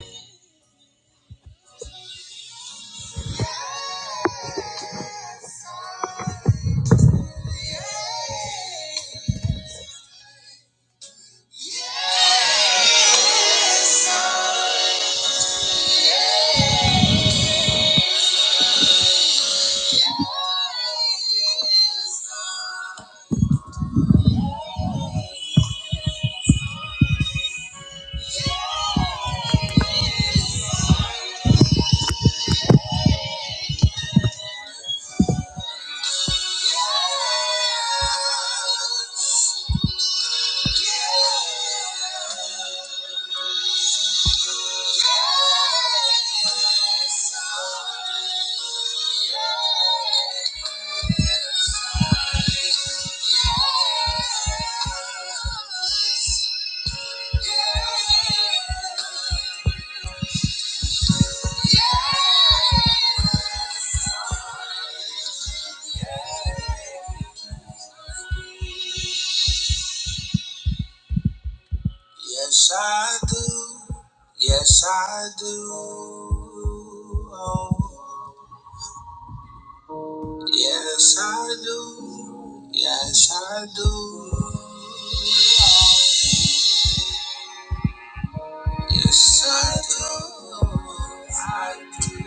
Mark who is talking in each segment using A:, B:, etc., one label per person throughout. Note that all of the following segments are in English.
A: Yes, Yes. Yes, I do. Yes, I do. Oh. Yes, I do. Yes, I do. Yes, I do. I do.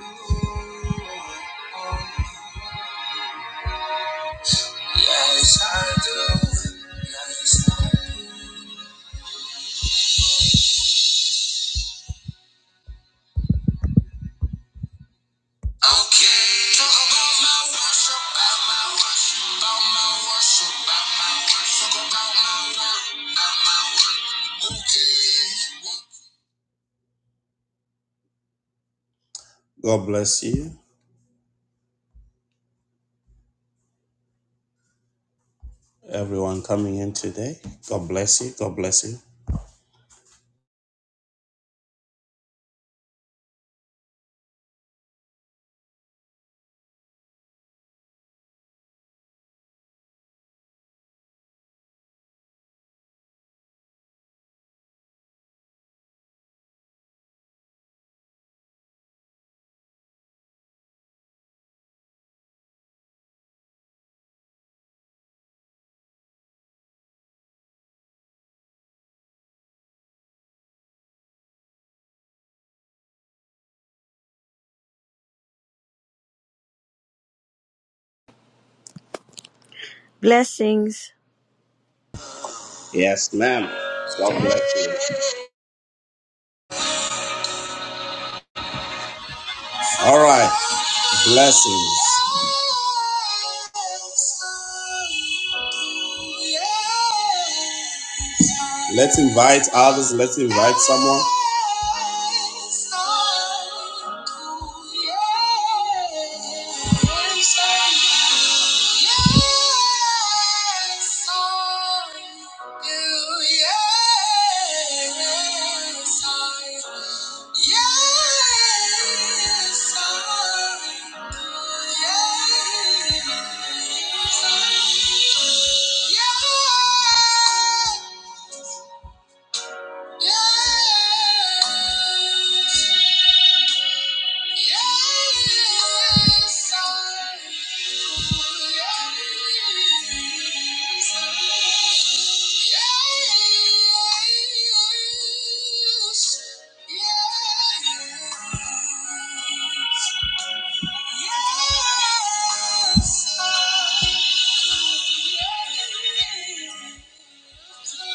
A: Yes, I do. Yes, I do. Okay. Talk about my worship, about my worship, about my worship, about my worship. Talk about my work, about my work. Okay. okay. God bless you, everyone coming in today. God bless you. God bless you.
B: Blessings.
A: Yes, ma'am. God bless you. All right. Blessings. Let's invite others. Let's invite someone. Yes, I, yes, I do. Yes, I, yes. Yes, yes, Yes,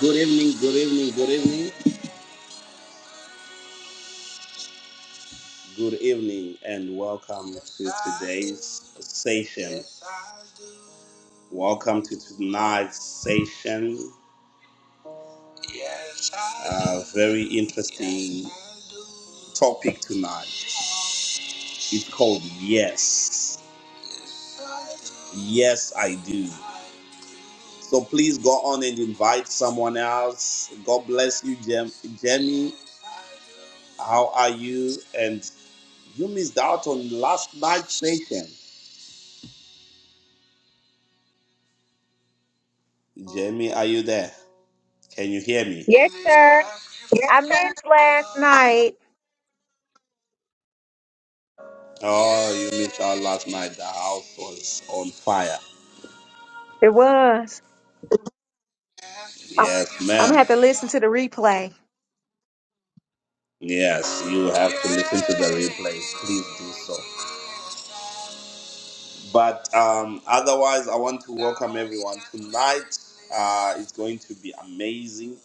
A: Good evening, good evening, good evening. Good evening and welcome to today's session. Welcome to tonight's session. A very interesting topic tonight. It's called Yes. Yes, I do. So please go on and invite someone else. God bless you, Jem- Jamie. How are you? And you missed out on last night's session. Jamie, are you there? Can you hear me?
C: Yes, sir. I missed last night.
A: Oh, you missed out last night. The house was on fire.
C: It was. I-
A: Yes,
C: I'm
A: ma'am.
C: gonna have to listen to the replay.
A: Yes, you have to listen to the replay. Please do so. But um, otherwise, I want to welcome everyone. Tonight uh, it's going to be amazing.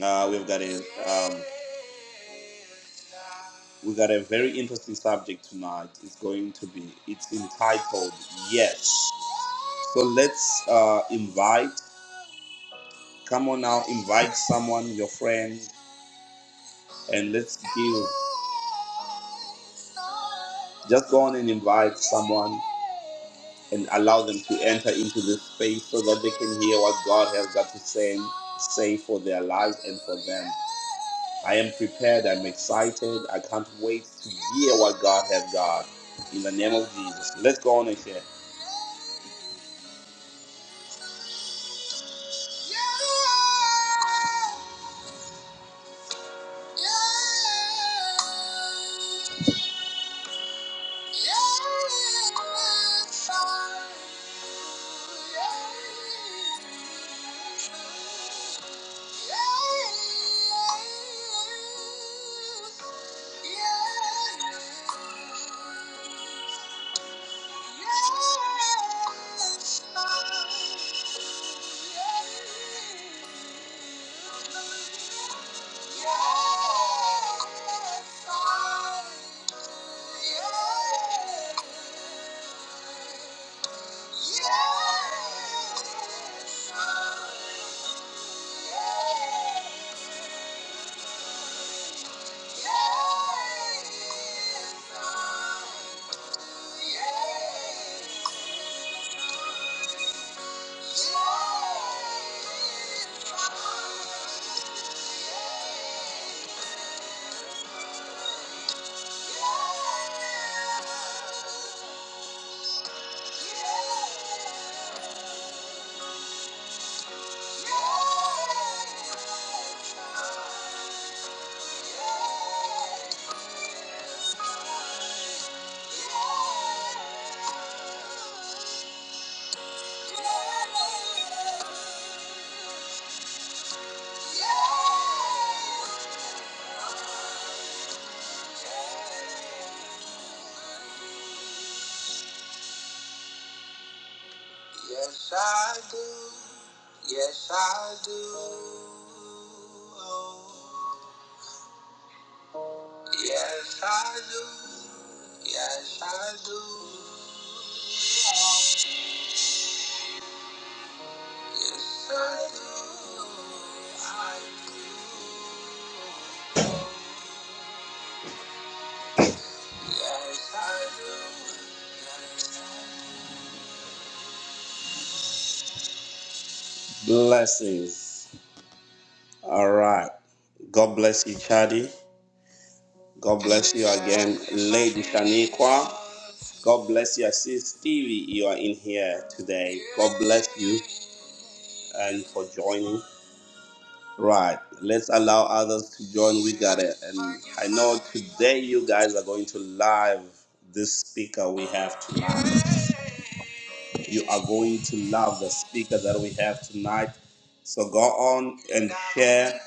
A: Uh, we've got a um, we've got a very interesting subject tonight. It's going to be it's entitled Yes. So let's uh, invite. Come on now, invite someone, your friend, and let's give. Just go on and invite someone and allow them to enter into this space so that they can hear what God has got to say, say for their lives and for them. I am prepared. I'm excited. I can't wait to hear what God has got. In the name of Jesus, let's go on and share. Yeah. Yes, yeah. Yes, I do. Yes, I do. Oh. Yes, I do. Yes, I do. Yes, I do. I do. Yes, I do. Blessings. All right. God bless you, Chadi. God bless you again, Lady Shaniqua. God bless you. sis Stevie, you are in here today. God bless you and for joining. Right. Let's allow others to join. We got it. And I know today you guys are going to love this speaker we have tonight. You are going to love the speaker that we have tonight. So go on and share.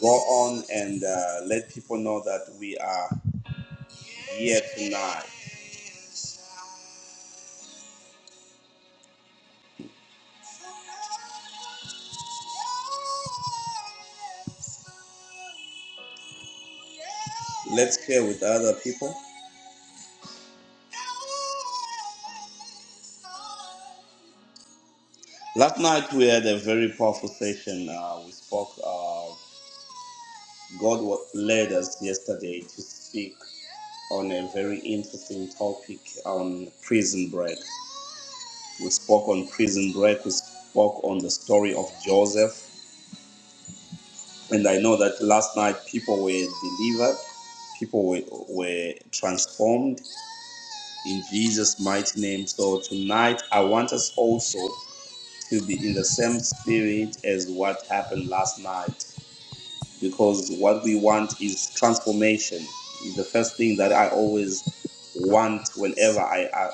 A: Go on and uh, let people know that we are here tonight. Let's share with other people. Last night we had a very powerful session. Uh, we spoke. Uh, God wa- led us yesterday to speak on a very interesting topic on prison break. We spoke on prison break. We spoke on the story of Joseph. And I know that last night people were delivered, people were, were transformed in Jesus' mighty name. So tonight, I want us also to be in the same spirit as what happened last night because what we want is transformation. It's the first thing that I always want whenever I, I,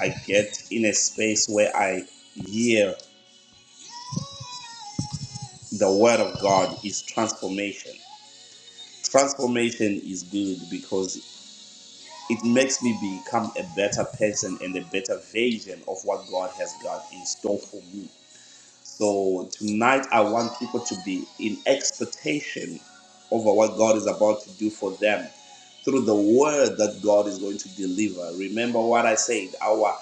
A: I get in a space where I hear the word of God is transformation transformation is good because it makes me become a better person and a better version of what God has got in store for me. So tonight I want people to be in expectation over what God is about to do for them through the word that God is going to deliver. Remember what I said. Our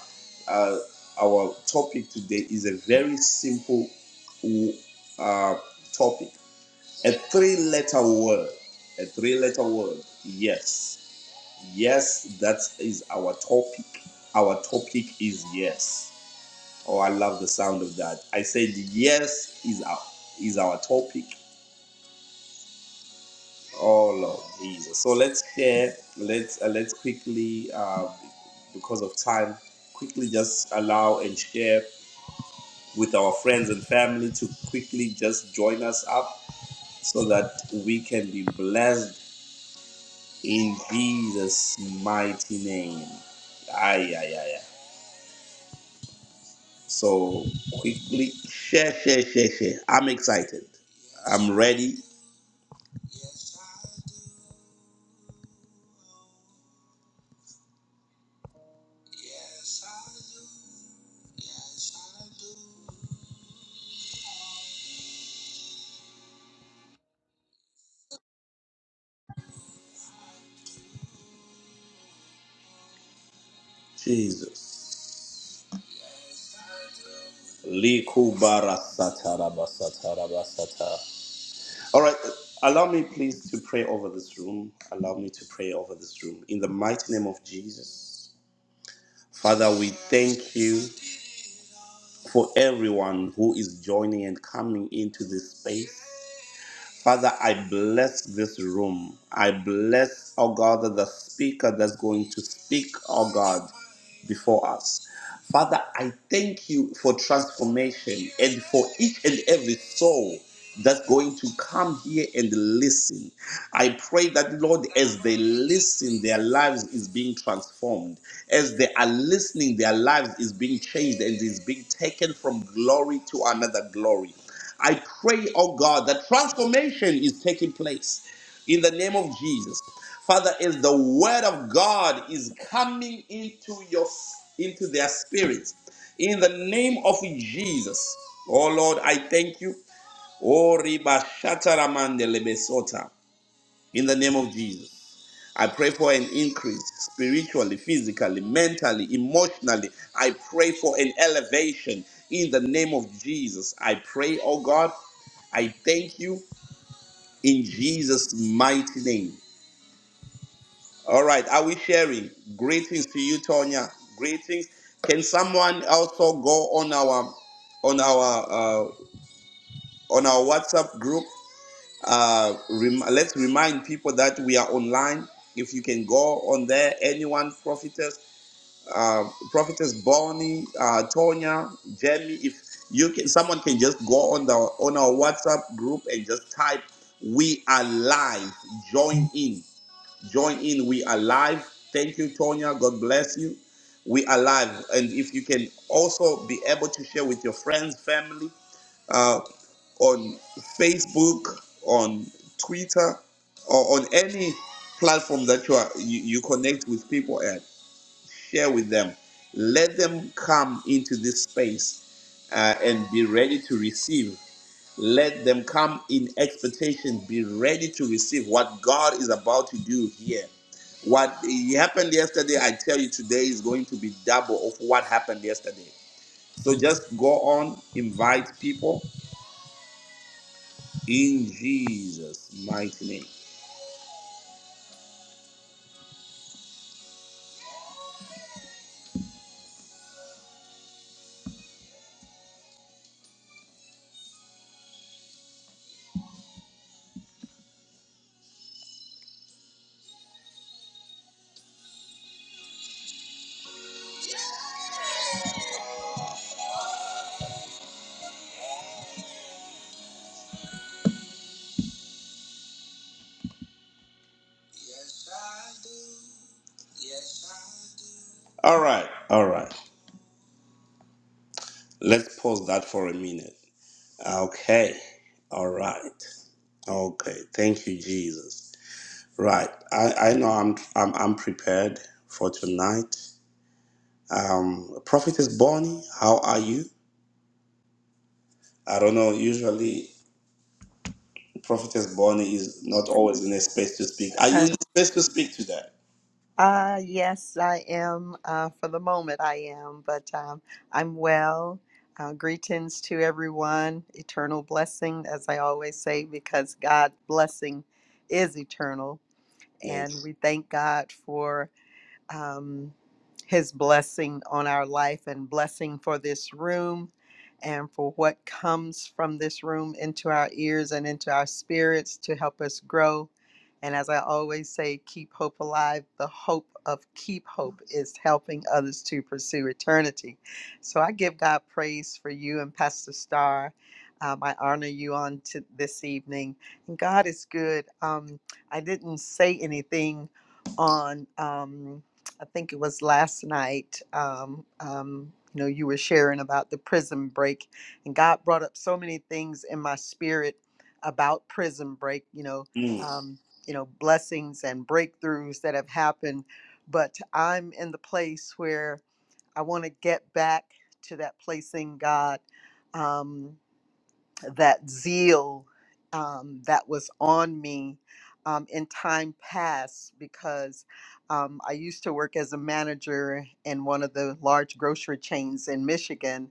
A: uh, our topic today is a very simple uh, topic. A three-letter word. A three-letter word. Yes. Yes, that is our topic. Our topic is yes. Oh, I love the sound of that. I said yes is our is our topic. Oh Lord Jesus. So let's share. Let's uh, let's quickly, uh, because of time, quickly just allow and share with our friends and family to quickly just join us up so that we can be blessed in Jesus' mighty name. Aye, aye, aye, aye. So quickly share, share, share, share. I'm excited. I'm ready. Jesus. Likubara sataraba sataraba sat- All right. Allow me please to pray over this room. Allow me to pray over this room. In the mighty name of Jesus. Father, we thank you for everyone who is joining and coming into this space. Father, I bless this room. I bless, oh God, the speaker that's going to speak, oh God, before us. Father, I thank you for transformation and for each and every soul that's going to come here and listen. I pray that, Lord, as they listen, their lives is being transformed. As they are listening, their lives is being changed and is being taken from glory to another glory. I pray, oh God, that transformation is taking place in the name of Jesus. Father, as the word of God is coming into your into their spirits, in the name of Jesus. Oh Lord, I thank you. Oh Riba Shataramande Lebesota. In the name of Jesus. I pray for an increase spiritually, physically, mentally, emotionally. I pray for an elevation in the name of Jesus. I pray, oh God, I thank you in Jesus' mighty name. All right, are we sharing? Greetings to you, Tonya. Greetings. Can someone also go on our on our uh, on our WhatsApp group? Uh, rem- let's remind people that we are online. If you can go on there, anyone prophetess uh, prophetess Bonnie, uh, Tonya, Jamie. If you can, someone can just go on the on our WhatsApp group and just type "We are live." Join in, join in. We are live. Thank you, Tonya. God bless you. We are live, and if you can also be able to share with your friends, family, uh, on Facebook, on Twitter, or on any platform that you are you, you connect with people at share with them. Let them come into this space uh, and be ready to receive. Let them come in expectation, be ready to receive what God is about to do here. What happened yesterday, I tell you today is going to be double of what happened yesterday. So just go on, invite people in Jesus' mighty name. Yes, I do. Yes, I do. All right, all right. Let's pause that for a minute. Okay, all right. Okay, thank you, Jesus. Right, I, I know I'm, I'm I'm prepared for tonight. Um, Prophetess Bonnie, how are you? I don't know. Usually, Prophetess Bonnie is not always in a space to speak. Are you
D: Uh,
A: in a space to speak today?
D: uh, yes, I am. Uh, for the moment, I am, but um, I'm well. Uh, greetings to everyone. Eternal blessing, as I always say, because God's blessing is eternal.
A: Yeah.
D: And we thank God for um, his blessing on our life and blessing for this room and for what comes from this room into our ears and into our spirits to help us grow. And as I always say, keep hope alive. The hope of keep hope is helping others to pursue eternity. So I give God praise for you and Pastor Starr. Um, I honor you on to this evening. And God is good. Um, I didn't say anything on. Um, I think it was last night. Um, um, you know, you were sharing about the prison break, and God brought up so many things in my spirit about prison break. You know,
A: Mm.
D: um, you know, blessings and breakthroughs that have happened, but I'm in the place where I want to get back to that place in God. Um, that zeal um, that was on me um, in time past because um, I used to work as a manager in one of the large grocery chains in Michigan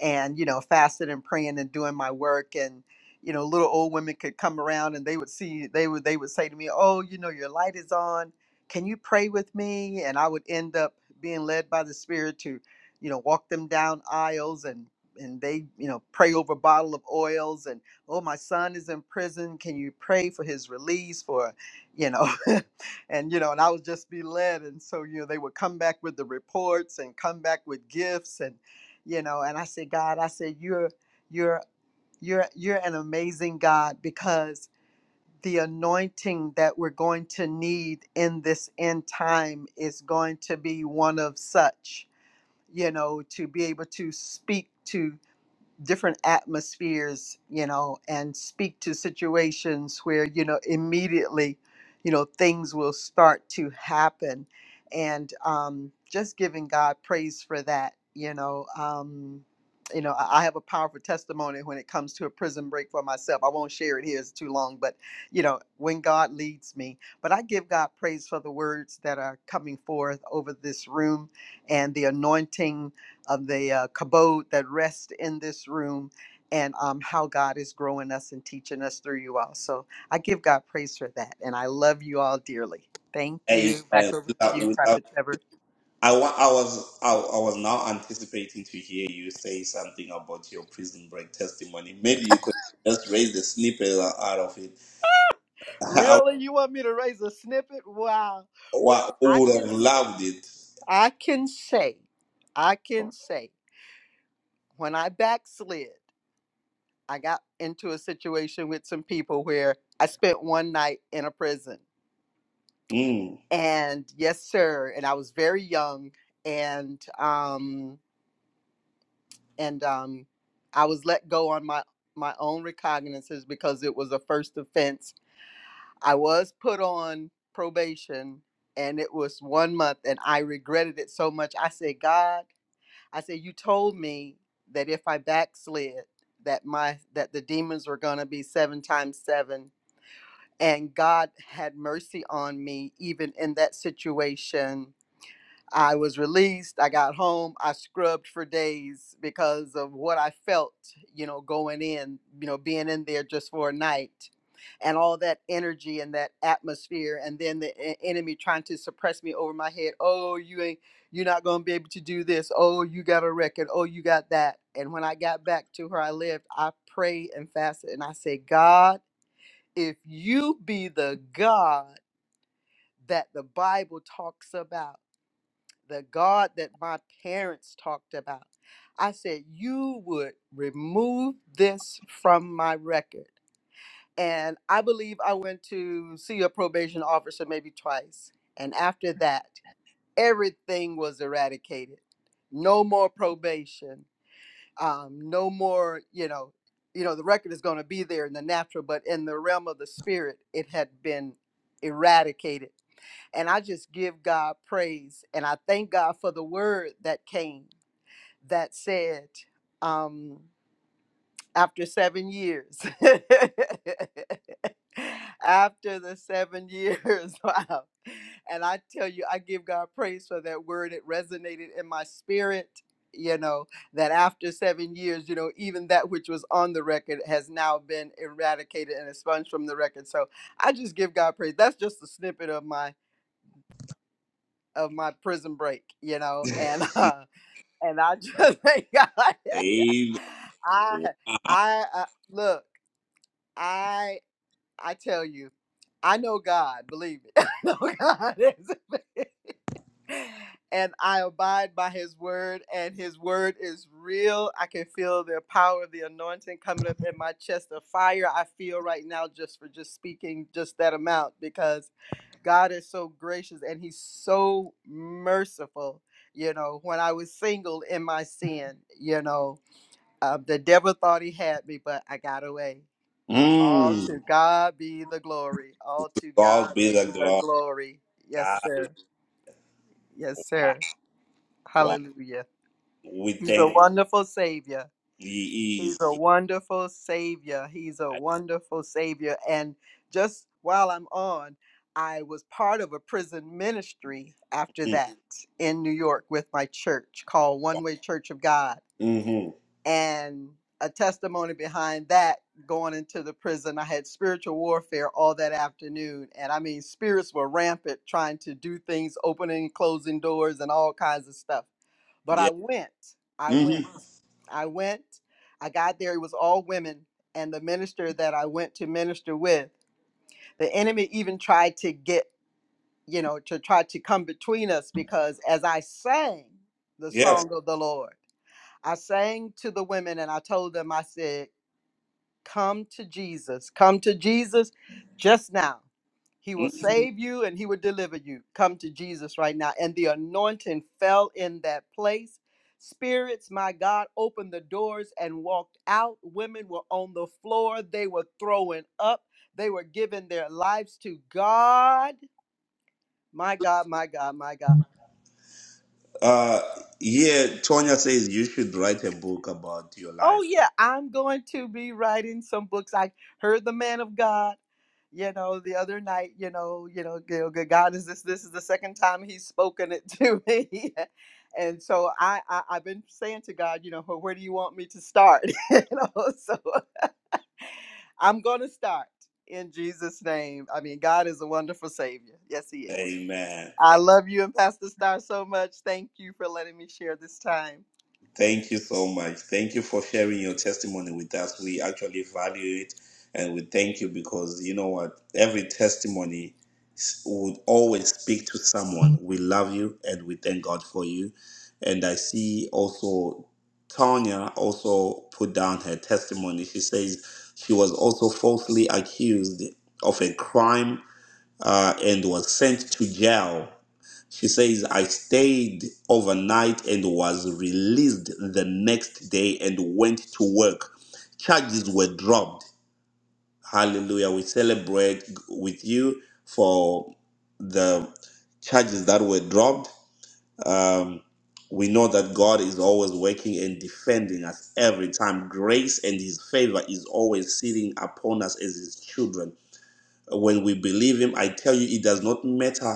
D: and you know fasting and praying and doing my work and you know little old women could come around and they would see they would they would say to me oh you know your light is on can you pray with me and i would end up being led by the spirit to you know walk them down aisles and and they you know pray over a bottle of oils and oh my son is in prison can you pray for his release for you know and you know and i would just be led and so you know they would come back with the reports and come back with gifts and you know and i said god i said you're you're you're you're an amazing god because the anointing that we're going to need in this end time is going to be one of such you know to be able to speak to different atmospheres, you know, and speak to situations where, you know, immediately, you know, things will start to happen. And um, just giving God praise for that, you know. Um, you know, I I have a powerful testimony when it comes to a prison break for myself. I won't share it here, it's too long, but, you know, when God leads me. But I give God praise for the words that are coming forth over this room and the anointing of the uh, kabod that rest in this room and um, how God is growing us and teaching us through you all. So I give God praise for that. And I love you all dearly. Thank you.
A: Amen.
D: Back over to
A: Without,
D: you,
A: without
D: Prophet Trevor.
A: I, wa- I was I, I was now anticipating to hear you say something about your prison break testimony. Maybe you could just raise the snippet out of it. I,
D: Really? You want me to raise a snippet? Wow.
A: wa-
D: Well, I
A: would
D: can
A: have
D: say,
A: loved it.
D: I can say, I can say, when I backslid, I got into a situation with some people where I spent one night in a prison
A: Mm.
D: and yes sir and i was very young and um and um i was let go on my my own recognizances because it was a first offense i was put on probation and it was one month and i regretted it so much i said god i said you told me that if i backslid that my that the demons were going to be seven times seven and god had mercy on me even in that situation I was released. I got home. I scrubbed for days because of what I felt, you know, going in, you know, being in there just for a night and all that energy and that atmosphere. And then the e- enemy trying to suppress me over my head. Oh, you ain't, you're not going to be able to do this. Oh, you got a record. Oh, you got that. And when I got back to where I lived, I prayed and fasted and I said, God, if you be the God that the Bible talks about, the God that my parents talked about. I said, You would remove this from my record. And I believe I went to see a probation officer maybe twice. And after that, everything was eradicated. No more probation. Um, no more, you know, you know, the record is going to be there in the natural, but in the realm of the spirit, it had been eradicated and I just give God praise. And I thank God for the word that came that said, um, after seven years, after the seven years, wow. And I tell you, I give God praise for that word. It resonated in my spirit, you know, that after seven years, you know, even that which was on the record has now been eradicated and expunged from the record. So I just give God praise. That's just a snippet of my of my prison break, you know, and uh, and I just thank God.
A: Amen.
D: I I uh, look, I I tell you, I know God. Believe it, I know God is. and I abide by his word, and his word is real. I can feel the power of the anointing coming up in my chest, the fire I feel right now just for just speaking just that amount because God is so gracious and he's so merciful. You know, when I was single in my sin, you know, uh, the devil thought he had me, but I got away. All
A: Mm.
D: to God be the glory. All to
A: God
D: God
A: be the
D: be the
A: glory.
D: glory. Yes,
A: God
D: sir. Yes,
A: wow.
D: sir.
A: wow.
D: Hallelujah.
A: We
D: He's a
A: thank God.
D: wonderful Savior.
A: He
D: He's
A: is.
D: a wonderful Savior. He's a wonderful Savior. And just while I'm on, I was part of a prison ministry after
A: Mm.
D: that in New York with my church called One Way Church of God.
A: hmm Mm-hmm.
D: And a testimony behind that going into the prison. I had spiritual warfare all that afternoon. And I mean, spirits were rampant trying to do things, opening and closing doors, and all kinds of stuff but
A: Yeah.
D: I went. I
A: hmm
D: went. I went. I got there. It was all women. And the minister that I went to minister with, the enemy even tried to get, you know, to try to come between us because as I sang the
A: Yes.
D: song of the Lord, I sang to the women and I told them, I said, Come to Jesus. Come to Jesus just now. He will
A: Mhm.
D: save you and he will deliver you. Come to Jesus right now. And the anointing fell in that place. Spirits, my God, opened the doors and walked out. Women were on the floor. They were throwing up. They were giving their lives to God. My God, my God, my God.
A: Uh, yeah, Tonya says you should write a book about your life.
D: Oh yeah, I'm going to be writing some books. I heard the man of God, you know, the other night, you know, you know, you know, good God is this this is the second time he's spoken it to me. And so I, I I've been saying to God, you know, "Wh- where do you want me to start? you know, so I'm gonna start in Jesus' name. I mean, God is a wonderful savior. Yes, he is.
A: Amen.
D: I love you and Pastor Star so much. Thank you for letting me share this time.
A: Thank you so much. Thank you for sharing your testimony with us. We actually value it and we thank you because you know what? Every testimony s- would always speak to someone. We love you and we thank God for you. And I see also Tanya also put down her testimony. She says she was also falsely accused of a crime uh, and was sent to jail She says, I stayed overnight and was released the next day and went to work. Charges were dropped. Hallelujah. We celebrate with you for the charges that were dropped. Um, we know that God is always working and defending us every time. Grace and His favor is always sitting upon us as His children when we believe him i tell you it does not matter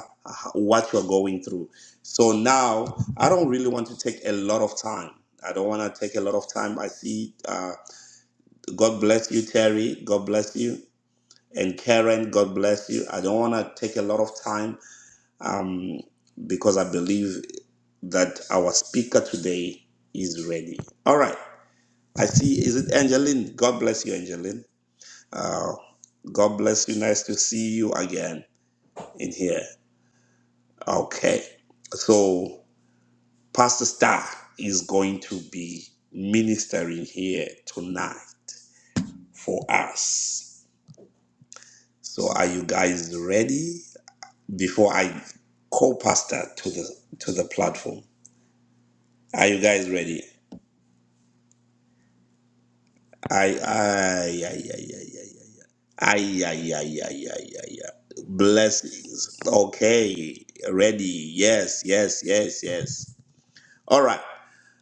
A: what you're going through so now i don't really want to take a lot of time i don't want to take a lot of time i see uh, god bless you terry god bless you and karen god bless you i don't want to take a lot of time um, because i believe that our speaker today is ready all right i see is it angeline god bless you angeline uh, god bless you nice to see you again in here Okay. So Pastor Star is going to be ministering here tonight for us. So are you guys ready? Before I co-pastor to the to the platform. Are you guys ready? I I I I I I I I I blessings. Okay, ready. Yes, yes, yes, yes. All right.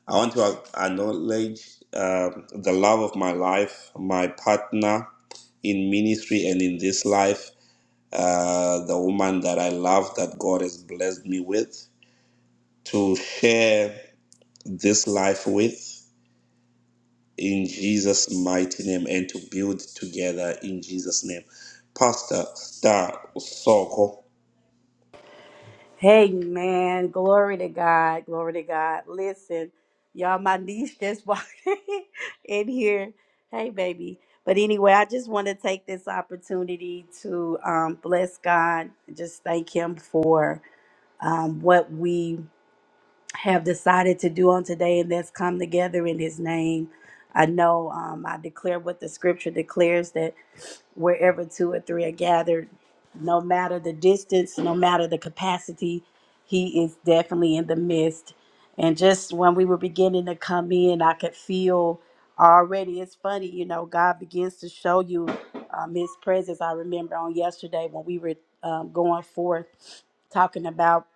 A: I want to ac- acknowledge um the love of my life, my partner in ministry and in this life, uh, the woman that I love that God has blessed me with to share this life with in Jesus' mighty name and to build together in Jesus' name. Pastor Star Soko.
E: Hey man, glory to God, glory to God. Listen, y'all, my niece just walked in here. Hey baby. But anyway, I just want to take this opportunity to um, bless God, and just thank Him for um, what we have decided to do on today, and that's come together in His name. I know um, I declare what the Scripture declares that wherever two or three are gathered, no matter the distance, no matter the capacity, he is definitely in the midst. And just when we were beginning to come in, I could feel already. It's funny, you know, God begins to show you um, his presence. I remember on yesterday when we were um, going forth talking about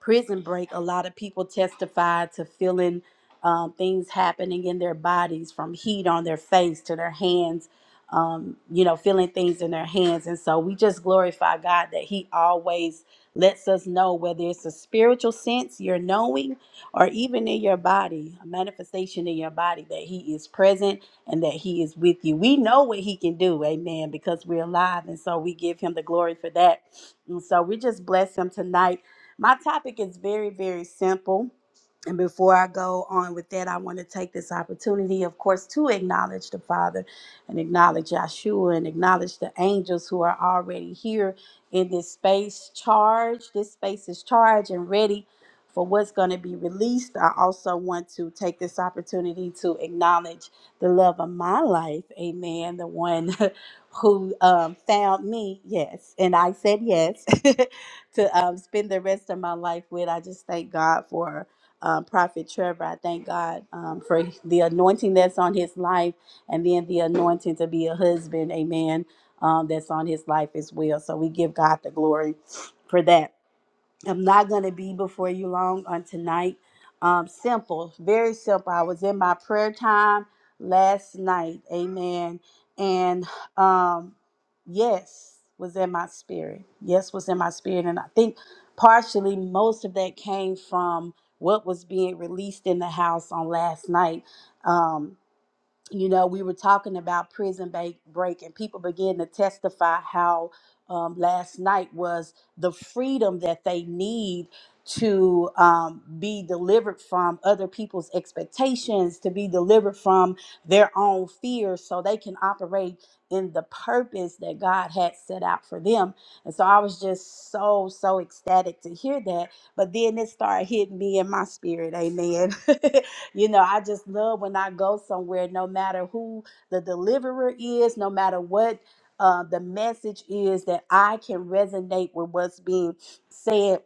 E: prison break, a lot of people testified to feeling um, things happening in their bodies from heat on their face to their hands, um, you know, feeling things in their hands. And so we just glorify God that He always lets us know whether it's a spiritual sense you're knowing or even in your body, a manifestation in your body that He is present and that He is with you. We know what He can do, amen, because we're alive. And so we give Him the glory for that. And so we just bless Him tonight my topic is very, very simple. And before I go on with that, I want to take this opportunity, of course, to acknowledge the Father and acknowledge Yahshua and acknowledge the angels who are already here in this space charged. This space is charged and ready for what's going to be released. I also want to take this opportunity to acknowledge the love of my life. Amen. The one who um, found me, yes. And I said yes. to um, spend the rest of my life with. I just thank God for um, Prophet Trevor. I thank God um, for the anointing that's on his life and then the anointing to be a husband, amen, um, that's on his life as well. So we give God the glory for that. I'm not going to be before you long on tonight. Um, simple, very simple. I was in my prayer time last night. Amen. And um, yes was in my spirit. Yes was in my spirit. And I think partially most of that came from what was being released in the house on last night. Um, you know, we were talking about prison break, break and people began to testify how um, last night was the freedom that they need to um, be delivered from other people's expectations, to be delivered from their own fears, so they can operate in the purpose that God had set out for them. And so I was just so, so ecstatic to hear that. But then it started hitting me in my spirit. Amen. you know, I just love when I go somewhere, no matter who the deliverer is, no matter what uh, the message is, that I can resonate with what's being said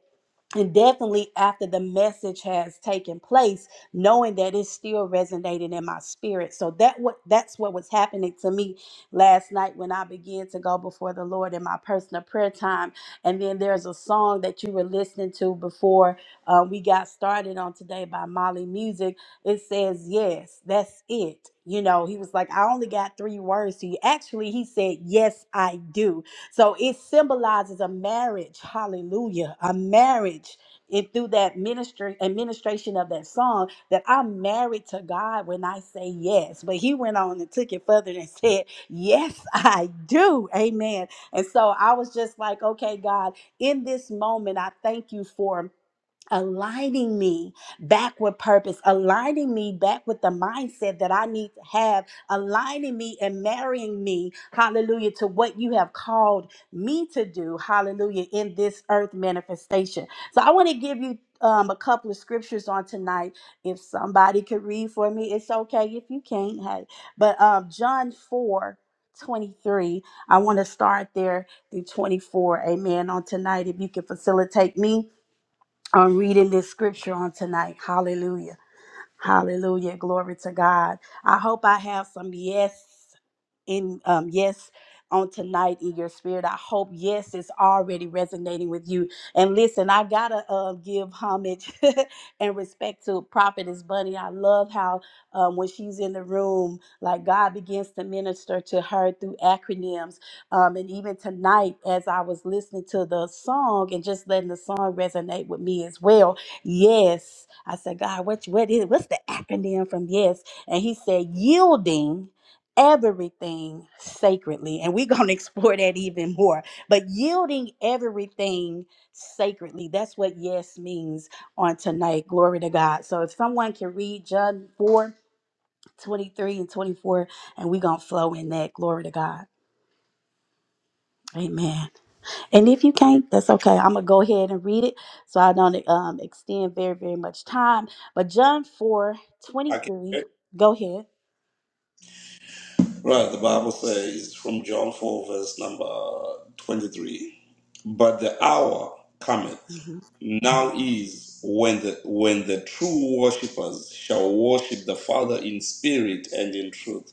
E: and definitely after the message has taken place knowing that it's still resonating in my spirit so that what that's what was happening to me last night when i began to go before the lord in my personal prayer time and then there's a song that you were listening to before uh, we got started on today by molly music it says yes that's it you know he was like i only got three words to you actually he said yes i do so it symbolizes a marriage, hallelujah, a marriage. And through that ministry administration of that song, that I'm married to God when I say yes. But he went on and took it further and said, Yes, I do. Amen. And so I was just like, okay, God, in this moment, I thank you for aligning me back with purpose, aligning me back with the mindset that I need to have, aligning me and marrying me, hallelujah, to what you have called me to do, hallelujah, in this earth manifestation. So I want to give you. Um, a couple of scriptures on tonight. If somebody could read for me, it's okay. If you can't, hey. But um, John 4 23. I want to start there through 24. Amen. On tonight, if you can facilitate me on reading this scripture on tonight. Hallelujah. Hallelujah. Glory to God. I hope I have some yes in um yes on tonight in your spirit. I hope yes is already resonating with you. And listen, I gotta uh, give homage and respect to Prophetess Bunny. I love how um, when she's in the room, like God begins to minister to her through acronyms. Um, and even tonight, as I was listening to the song and just letting the song resonate with me as well, Yes. I said, God, what, what is what's the acronym from yes? And he said, yielding everything sacredly. And we're gonna explore that even more. But yielding everything sacredly. That's what yes means on tonight. Glory to God. So if someone can read John 4 23 and 24, and we're gonna flow in that. Glory to God. Amen. And if you can't, that's okay. I'm gonna go ahead and read it so I don't um, extend very, very much time. But John 4 23. go ahead.
A: Right, the Bible says from John 4, verse number 23 But the hour cometh,
E: Mhm.
A: now is when the, when the true worshippers shall worship the Father in spirit and in truth.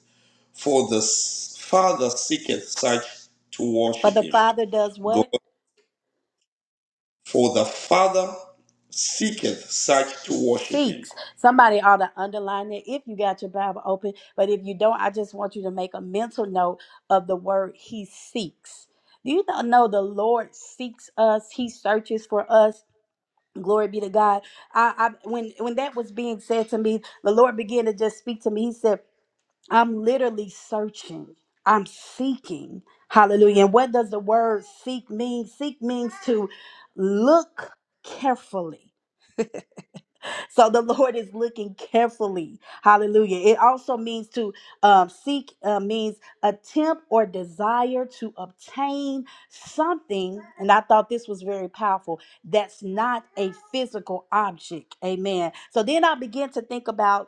A: For the S- Father seeketh such to
E: For
A: worship
E: the
A: him.
E: Father does
A: Go,
E: what?
A: for the Father seeketh such
E: He
A: to worship him.
E: seeks. Somebody ought to underline it if you got your Bible open. But if you don't, I just want you to make a mental note of the word he seeks. Do you not know the Lord seeks us? He searches for us. Glory be to God. I, I when when that was being said to me, the Lord began to just speak to me. He said, I'm literally searching. I'm seeking. Hallelujah. And what does the word seek mean? Seek means to look carefully. So the Lord is looking carefully. Hallelujah. It also means to um, seek, uh, means attempt or desire to obtain something. And I thought this was very powerful. That's not a physical object. Amen. So then I began to think about.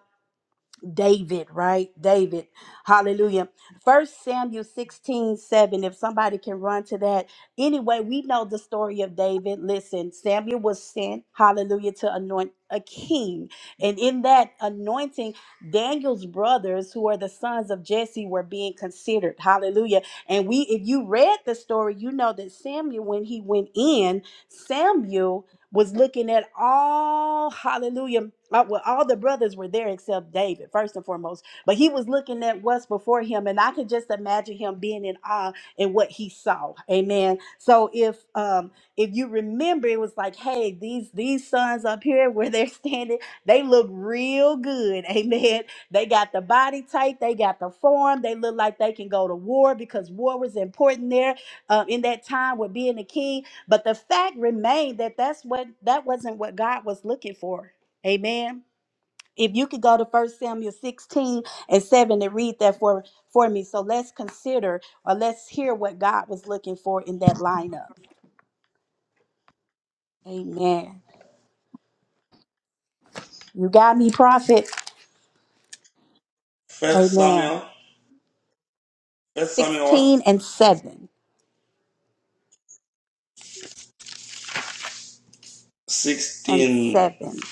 E: David, right? David. Hallelujah. First Samuel 16 7. If somebody can run to that. Anyway, we know the story of David. Listen, Samuel was sent, hallelujah, to anoint a king. And in that anointing, Daniel's brothers, who are the sons of Jesse, were being considered. Hallelujah. And we, if you read the story, you know that Samuel, when he went in, Samuel was looking at all hallelujah uh, well all the brothers were there except david first and foremost but he was looking at what's before him and i could just imagine him being in awe in what he saw amen so if um if you remember it was like hey these these sons up here where they're standing they look real good amen they got the body type they got the form they look like they can go to war because war was important there uh, in that time with being a king but the fact remained that that's what that wasn't what God was looking for. Amen. If you could go to First Samuel 16 and 7 and read that for, for me. So let's consider or let's hear what God was looking for in that lineup. Amen. You got me, prophet.
A: First
E: Amen.
A: Samuel, First Samuel what?
E: 16 and 7 and
A: 16.
E: 7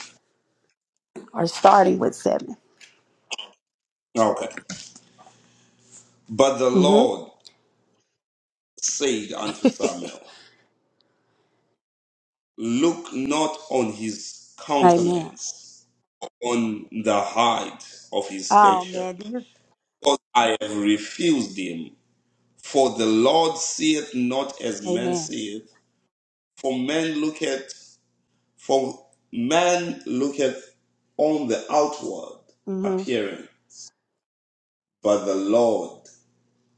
E: or starting with 7.
A: Okay. But the
E: hmm
A: Lord said unto Samuel, Look not on his
E: Amen.
A: countenance, on the height of his
E: Oh
A: stature,
E: man, do you?
A: because I have refused him. For the Lord seeth not as man
E: Amen.
A: seeth, for man looketh, for man looketh on the outward
E: Mm-hmm.
A: appearance, but the Lord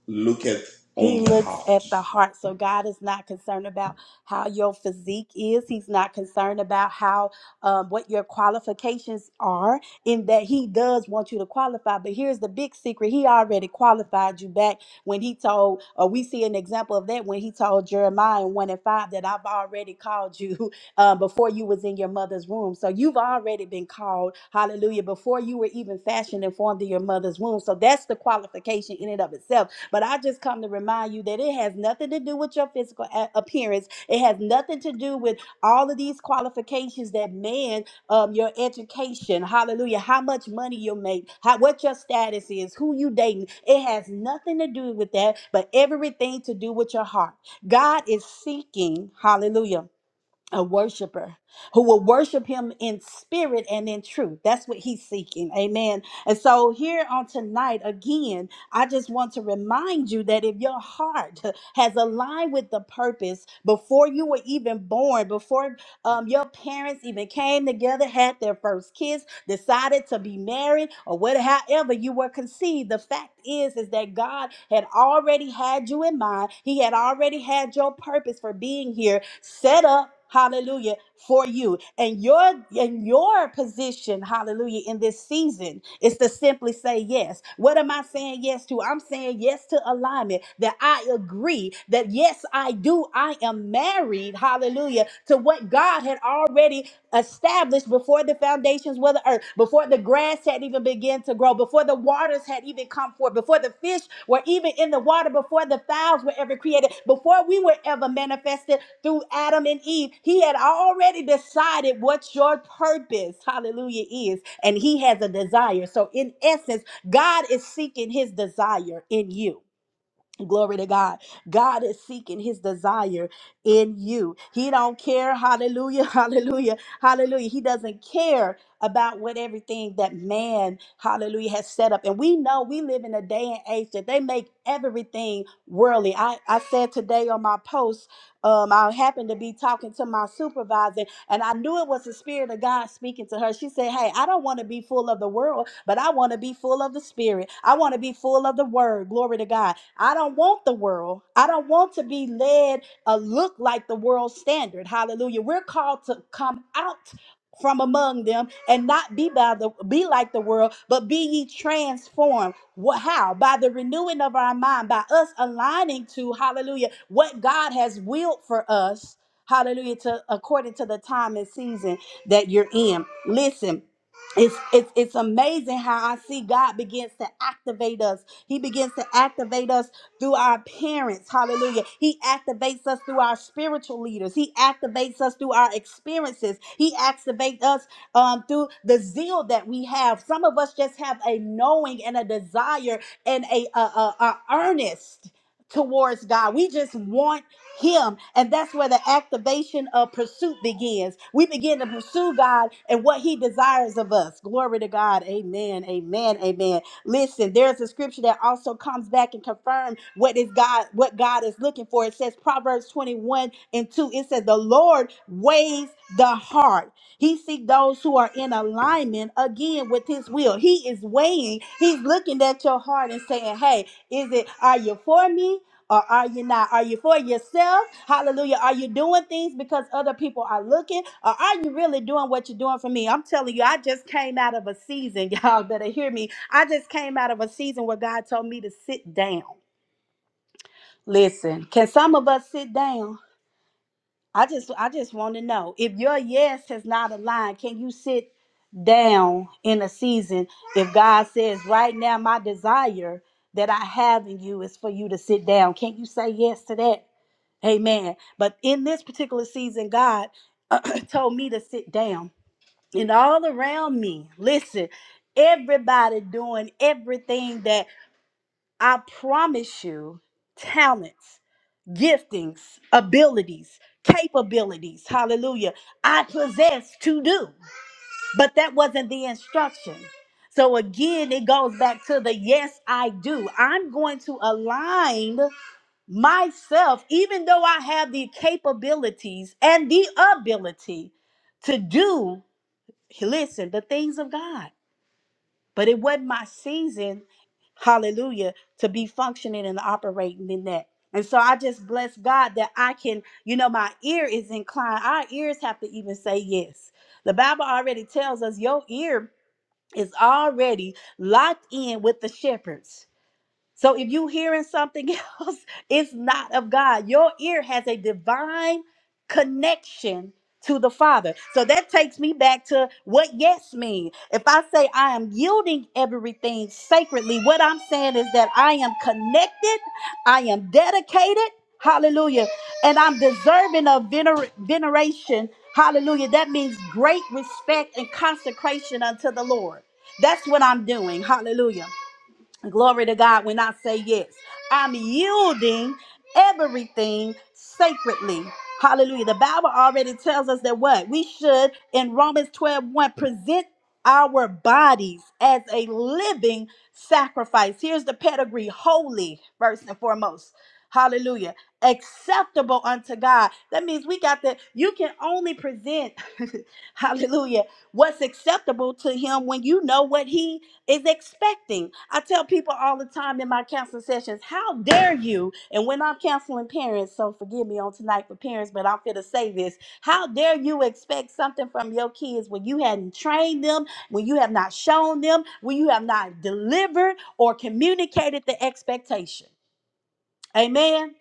A: looketh
E: He
A: on the
E: looks
A: heart.
E: at the heart. So God is not concerned about how your physique is. He's not concerned about how um, what your qualifications are. In that He does want you to qualify. But here's the big secret: He already qualified you back when He told, or we see an example of that when He told Jeremiah in one and five that I've already called you uh, before you was in your mother's womb. So you've already been called, Hallelujah, before you were even fashioned and formed in your mother's womb. So that's the qualification in and of itself but I just come to remind you that it has nothing to do with your physical a- appearance. It has nothing to do with all of these qualifications that man, um, your education, hallelujah, how much money you make, how what your status is, who you dating. It has nothing to do with that, but everything to do with your heart. God is seeking, hallelujah a worshiper who will worship him in spirit and in truth. That's what he's seeking. Amen. And so, here on tonight, again, I just want to remind you that if your heart has aligned with the purpose before you were even born, before um, your parents even came together, had their first kiss, decided to be married or whatever however you were conceived the fact is is that god had already had you in mind he had already had your purpose for being here set up hallelujah for you and your and your position hallelujah in this season is to simply say yes what am i saying yes to i'm saying yes to alignment that i agree that yes i do i am married hallelujah to what god had already established before the foundations were the earth, before the grass had even begun to grow, before the waters had even come forth, before the fish were even in the water, before the fowls were ever created, before we were ever manifested through Adam and Eve. He had already decided what your purpose, hallelujah, is, and He has a desire. So, in essence, God is seeking His desire in you. Glory to God. God is seeking his desire in you. He don't care. Hallelujah. Hallelujah. Hallelujah. He doesn't care about what everything that man, hallelujah, has set up. And we know we live in a day and age that they make everything worldly. I, I said today on my post, um, I happened to be talking to my supervisor, and I knew it was the Spirit of God speaking to her. She said, Hey, I don't want to be full of the world, but I want to be full of the Spirit. I want to be full of the Word. Glory to God. I don't want the world. I don't want to be led or look like the world standard. Hallelujah. We're called to come out from among them and not be by the be like the world, but be ye transformed. What how? By the renewing of our mind, by us aligning to hallelujah what God has willed for us Hallelujah. To according to the time and season that you're in. Listen. It's, it's it's amazing how I see God begins to activate us. He begins to activate us through our parents. Hallelujah. He activates us through our spiritual leaders. He activates us through our experiences. He activates us um, through the zeal that we have. Some of us just have a knowing and a desire and a, a, a, a earnest towards God. We just want him and that's where the activation of pursuit begins we begin to pursue god and what he desires of us glory to god amen amen amen listen there's a scripture that also comes back and confirms what is god what god is looking for it says proverbs 21 and 2 it says the lord weighs the heart he seeks those who are in alignment again with his will he is weighing he's looking at your heart and saying hey is it are you for me or are you not? Are you for yourself? Hallelujah. Are you doing things because other people are looking? Or are you really doing what you're doing for me? I'm telling you, I just came out of a season. Y'all better hear me. I just came out of a season where God told me to sit down. Listen, can some of us sit down? I just I just want to know if your yes has not aligned, can you sit down in a season if God says right now my desire that I have in you is for you to sit down? Can't you say yes to that? Amen. But in this particular season, God told me to sit down. And all around me, listen, everybody doing everything that I promise you talents, giftings, abilities, capabilities, hallelujah, I possess to do. But that wasn't the instruction. So again, it goes back to the yes, I do. I'm going to align myself, even though I have the capabilities and the ability to do, listen, the things of God. But it wasn't my season, hallelujah, to be functioning and operating in that. And so I just bless God that I can, you know, my ear is inclined. Our ears have to even say yes. The Bible already tells us your ear is already locked in with the shepherds. So if you hearing something else, it's not of God. Your ear has a divine connection to the Father. So that takes me back to what yes means. If I say I am yielding everything sacredly, what I'm saying is that I am connected, I am dedicated, hallelujah, and I'm deserving of vener- veneration, hallelujah. That means great respect and consecration unto the Lord. That's what I'm doing, hallelujah. Glory to God when I say yes. I'm yielding everything sacredly. Hallelujah. The Bible already tells us that what? We should, in Romans twelve one present our bodies as a living sacrifice. Here's the pedigree holy, first and foremost. Hallelujah. Acceptable unto God. That means we got that. You can only present, hallelujah, what's acceptable to Him when you know what He is expecting. I tell people all the time in my counseling sessions, how dare you? And when I'm counseling parents, so forgive me on tonight for parents, but I'm going to say this. How dare you expect something from your kids when you hadn't trained them, when you have not shown them, when you have not delivered or communicated the expectation? Amen.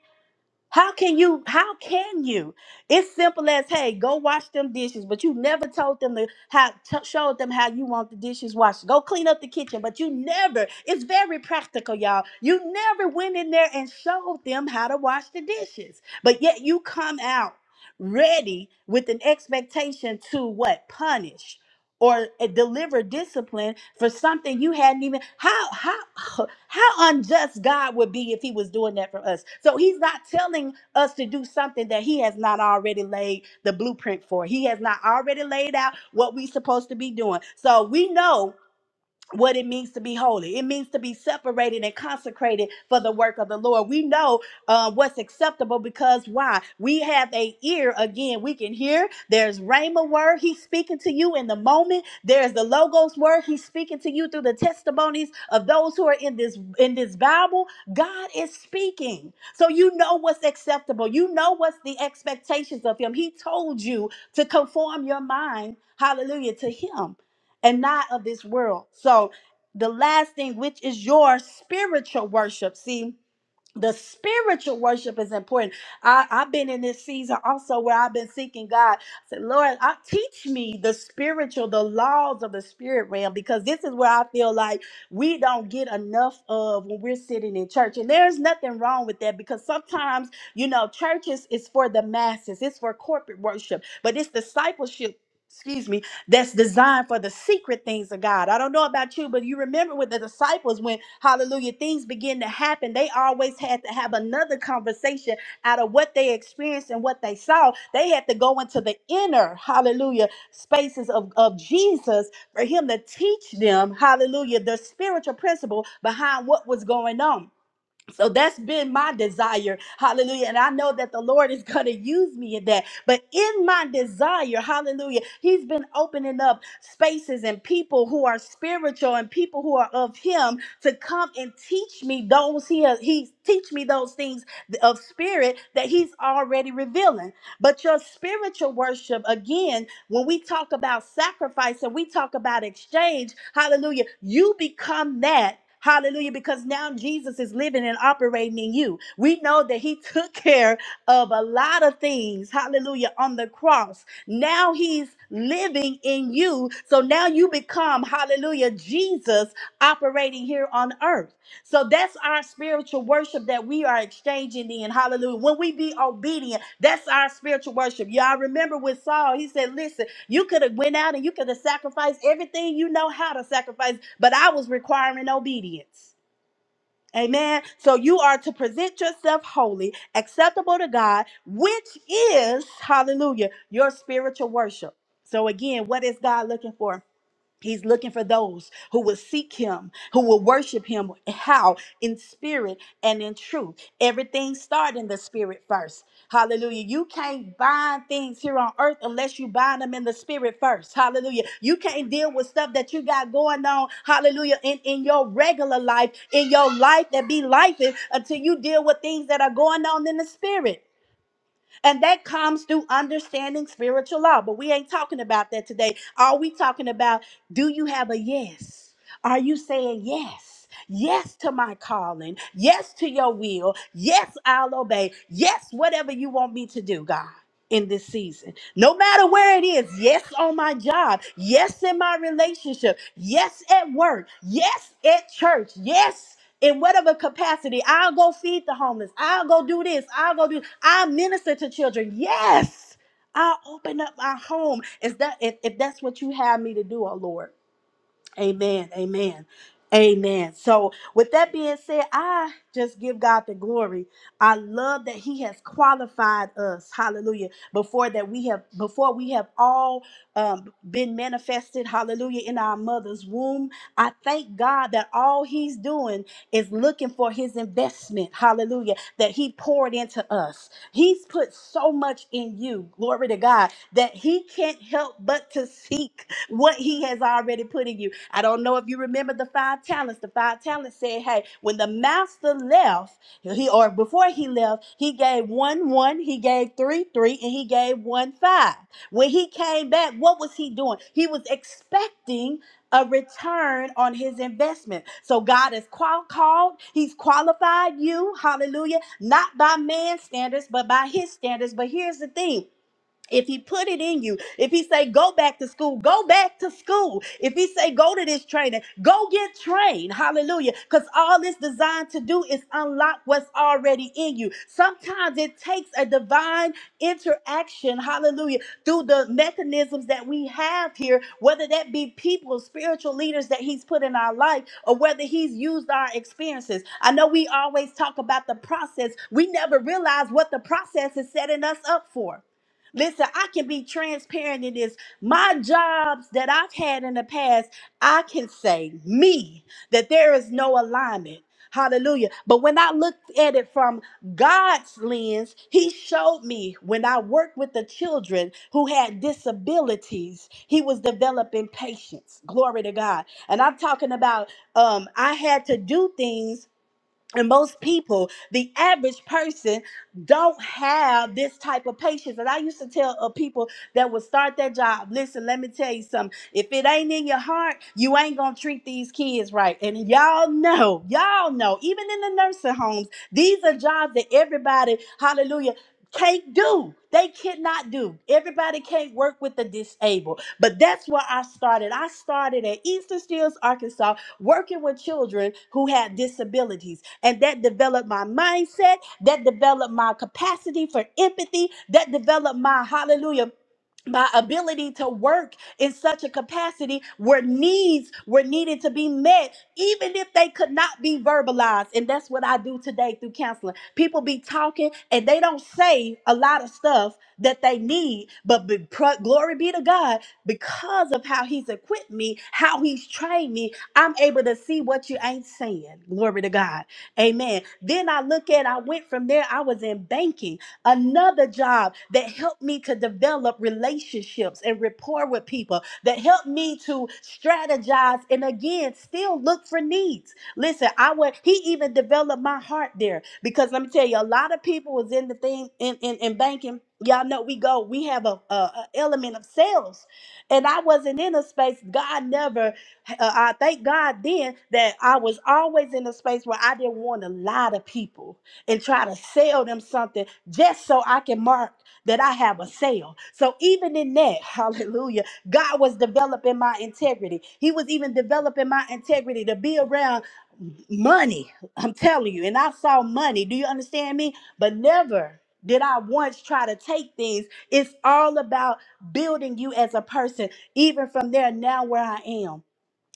E: How can you? How can you? It's simple as hey, go wash them dishes, but you never told them to how t- showed them how you want the dishes washed. Go clean up the kitchen, but you never. It's very practical, y'all. You never went in there and showed them how to wash the dishes, but yet you come out ready with an expectation to what punish or uh, deliver discipline for something you hadn't even how how how unjust God would be if he was doing that for us. So he's not telling us to do something that he has not already laid the blueprint for. He has not already laid out what we're supposed to be doing. So we know what it means to be holy. It means to be separated and consecrated for the work of the Lord. We know uh, what's acceptable because why? We have a ear again. We can hear. There's Rhema word. He's speaking to you in the moment. There's the Logos word. He's speaking to you through the testimonies of those who are in this in this Bible. God is speaking, so you know what's acceptable. You know what's the expectations of Him. He told you to conform your mind, Hallelujah, to Him and not of this world. So the last thing, which is your spiritual worship. See, the spiritual worship is important. I, I've been in this season also where I've been seeking God. I said, Lord, I, teach me the spiritual, the laws of the spirit realm, because this is where I feel like we don't get enough of when we're sitting in church. And there's nothing wrong with that because sometimes, you know, churches is for the masses, it's for corporate worship, but it's discipleship. Excuse me that's designed for the secret things of God. I don't know about you, but you remember with the disciples when hallelujah things begin to happen, they always had to have another conversation out of what they experienced and what they saw. They had to go into the inner hallelujah spaces of, of Jesus for him to teach them hallelujah the spiritual principle behind what was going on. So that's been my desire. Hallelujah. And I know that the Lord is going to use me in that. But in my desire, hallelujah, He's been opening up spaces and people who are spiritual and people who are of Him to come and teach me those He, he teach me those things of spirit that He's already revealing. But your spiritual worship, again, when we talk about sacrifice and we talk about exchange, hallelujah, you become that Hallelujah. Because now Jesus is living and operating in you. We know that he took care of a lot of things. Hallelujah. On the cross. Now he's living in you. So now you become, hallelujah, Jesus operating here on earth. So that's our spiritual worship that we are exchanging in. Hallelujah. When we be obedient, that's our spiritual worship. Y'all remember with Saul, he said, Listen, you could have went out and you could have sacrificed everything you know how to sacrifice, but I was requiring obedience. Amen. So you are to present yourself holy, acceptable to God, which is, hallelujah, your spiritual worship. So again, what is God looking for? He's looking for those who will seek him, who will worship him. How? In spirit and in truth. Everything starts in the spirit first. Hallelujah. You can't bind things here on earth unless you bind them in the spirit first. Hallelujah. You can't deal with stuff that you got going on. Hallelujah. In, in your regular life, in your life that be life until you deal with things that are going on in the spirit. And that comes through understanding spiritual law. But we ain't talking about that today. Are we talking about do you have a yes? Are you saying yes? Yes to my calling. Yes to your will. Yes, I'll obey. Yes, whatever you want me to do, God. In this season, no matter where it is, yes on my job, yes in my relationship, yes at work, yes at church, yes in whatever capacity. I'll go feed the homeless. I'll go do this. I'll go do. I minister to children. Yes, I'll open up my home. Is that if, if that's what you have me to do, oh Lord? Amen. Amen. Amen. So, with that being said, I just give God the glory. I love that He has qualified us. Hallelujah. Before that, we have before we have all um, been manifested. Hallelujah. In our mother's womb, I thank God that all He's doing is looking for His investment. Hallelujah. That He poured into us. He's put so much in you. Glory to God that He can't help but to seek what he has already put in you. I don't know if you remember the five talents. The five talents said, hey, when the master left, he or before he left, he gave one one, he gave three three, and he gave one five. When he came back, what was he doing? He was expecting a return on his investment. So God has qual- called, He's qualified you, hallelujah, not by man's standards, but by His standards. But here's the thing if he put it in you if he say go back to school go back to school if he say go to this training go get trained hallelujah because all it's designed to do is unlock what's already in you sometimes it takes a divine interaction hallelujah through the mechanisms that we have here whether that be people spiritual leaders that he's put in our life or whether he's used our experiences i know we always talk about the process we never realize what the process is setting us up for Listen, I can be transparent in this. My jobs that I've had in the past, I can say, me, that there is no alignment. Hallelujah. But when I look at it from God's lens, He showed me when I worked with the children who had disabilities, He was developing patience. Glory to God. And I'm talking about um, I had to do things and most people, the average person, don't have this type of patience. And I used to tell uh, people that would start that job, listen, let me tell you something. If it ain't in your heart, you ain't gonna treat these kids right. And y'all know, y'all know, even in the nursing homes, these are jobs that everybody, hallelujah, can't do. They cannot do. Everybody can't work with the disabled. But that's where I started. I started at Eastern Steels, Arkansas working with children who had disabilities. And that developed my mindset, that developed my capacity for empathy, that developed my hallelujah my ability to work in such a capacity where needs were needed to be met, even if they could not be verbalized. And that's what I do today through counseling. People be talking and they don't say a lot of stuff that they need, but be, pro- glory be to God because of how He's equipped me, how He's trained me, I'm able to see what you ain't saying. Glory to God. Amen. Then I look at, I went from there, I was in banking, another job that helped me to develop relationships and rapport with people, that helped me to strategize and again, still look for needs. Listen, I would, he even developed my heart there because let me tell you, a lot of people was in the thing in, in, in banking. Y'all know we go, we have a, a, a element of sales. And I wasn't in a space, God never uh, I thank God then that I was always in a space where I didn't want to lie to people and try to sell them something just so I can mark that I have a sale. So even in that, hallelujah, God was developing my integrity. He was even developing my integrity to be around money. I'm telling you. And I saw money. Do you understand me? But never did I once try to take things. It's all about building you as a person, even from there now where I am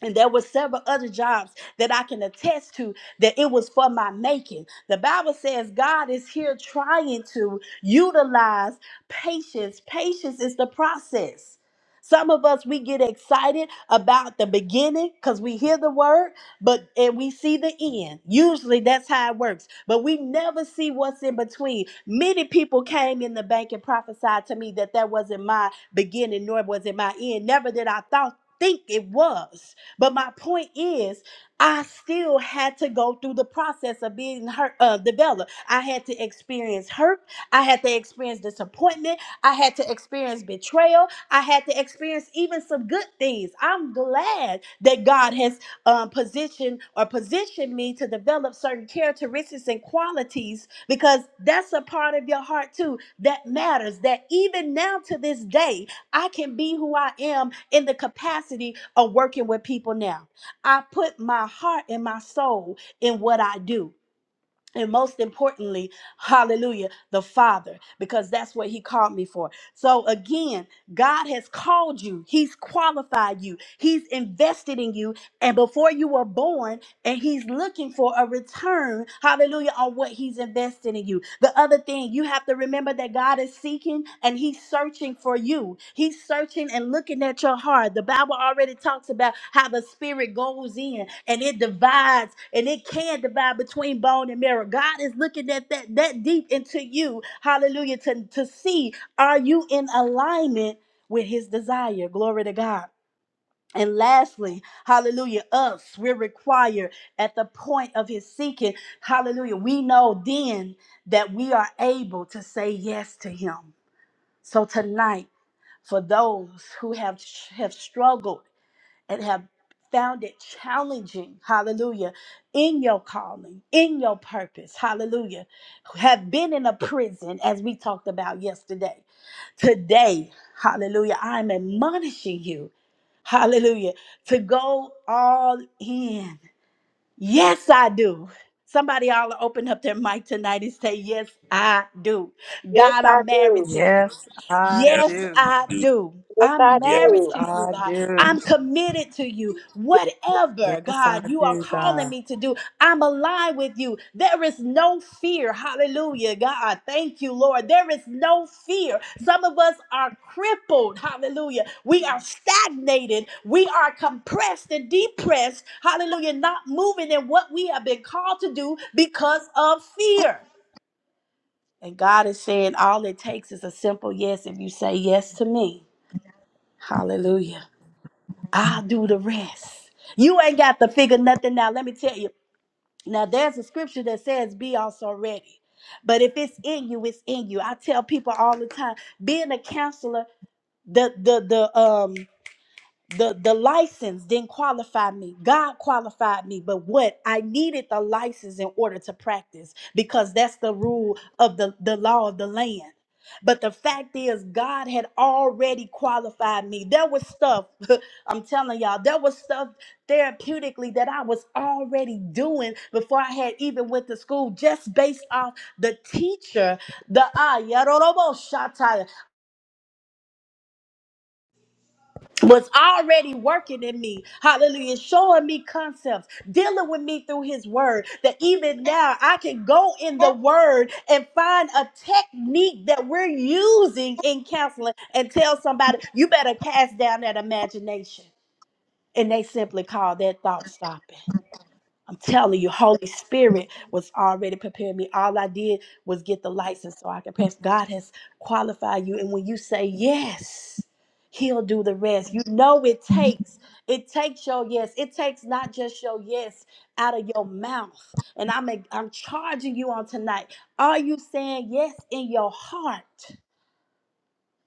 E: and there were several other jobs that I can attest to that it was for my making. The Bible says God is here trying to utilize patience. Patience is the process. Some of us we get excited about the beginning cuz we hear the word but and we see the end. Usually that's how it works, but we never see what's in between. Many people came in the bank and prophesied to me that that wasn't my beginning nor was it my end. Never did I thought think it was. But my point is, I still had to go through the process of being hurt, uh, developed. I had to experience hurt. I had to experience disappointment. I had to experience betrayal. I had to experience even some good things. I'm glad that God has um, positioned or positioned me to develop certain characteristics and qualities because that's a part of your heart too that matters. That even now to this day, I can be who I am in the capacity of working with people now. I put my heart and my soul in what I do. And most importantly, hallelujah, the Father, because that's what He called me for. So again, God has called you, He's qualified you, He's invested in you. And before you were born, and he's looking for a return, hallelujah, on what he's invested in you. The other thing, you have to remember that God is seeking and he's searching for you. He's searching and looking at your heart. The Bible already talks about how the spirit goes in and it divides and it can divide between bone and marrow. God is looking at that that deep into you, hallelujah, to, to see are you in alignment with his desire? Glory to God. And lastly, hallelujah, us, we're required at the point of his seeking, hallelujah, we know then that we are able to say yes to him. So tonight, for those who have, have struggled and have found it challenging, hallelujah, in your calling, in your purpose, hallelujah, have been in a prison, as we talked about yesterday. Today, hallelujah, I'm admonishing you, hallelujah, to go all in. Yes, I do. Somebody all open up their mic tonight and say, Yes, I do.
C: Yes,
E: God,
C: I
E: I'm
C: do.
E: married to you.
D: Yes, I
E: Yes,
D: do.
E: I do.
C: Yes, I
E: I'm married
D: Yes,
C: do.
E: to you,
D: I
E: God.
D: do.
E: I'm committed to you. Whatever,
D: Yes, I
E: God, you are
D: do,
E: calling
D: God.
E: me to do, I'm aligned with you. There is no fear. Hallelujah, God. Thank you, Lord. There is no fear. Some of us are crippled. Hallelujah. We are stagnated. We are compressed and depressed. Hallelujah. Not moving in what we have been called to do because of fear. And God is saying, all it takes is a simple yes. If you say yes to me, hallelujah, I'll do the rest. You ain't got to figure nothing out. Let me tell you. Now, there's a scripture that says, Be also ready. But if it's in you, it's in you. I tell people all the time, being a counselor, the the the um the the license didn't qualify me god qualified me but what i needed the license in order to practice because that's the rule of the the law of the land but the fact is god had already qualified me there was stuff i'm telling y'all there was stuff therapeutically that i was already doing before i had even went to school just based off the teacher the ah was already working in me. Hallelujah. Showing me concepts, dealing with me through his word. That even now I can go in the word and find a technique that we're using in counseling and tell somebody, you better cast down that imagination. And they simply call that thought stopping. I'm telling you, Holy Spirit was already preparing me. All I did was get the license so I could pass. God has qualified you. And when you say yes, He'll do the rest. You know it takes. It takes your yes. It takes not just your yes out of your mouth. And I'm, I'm charging you on tonight. Are you saying yes in your heart?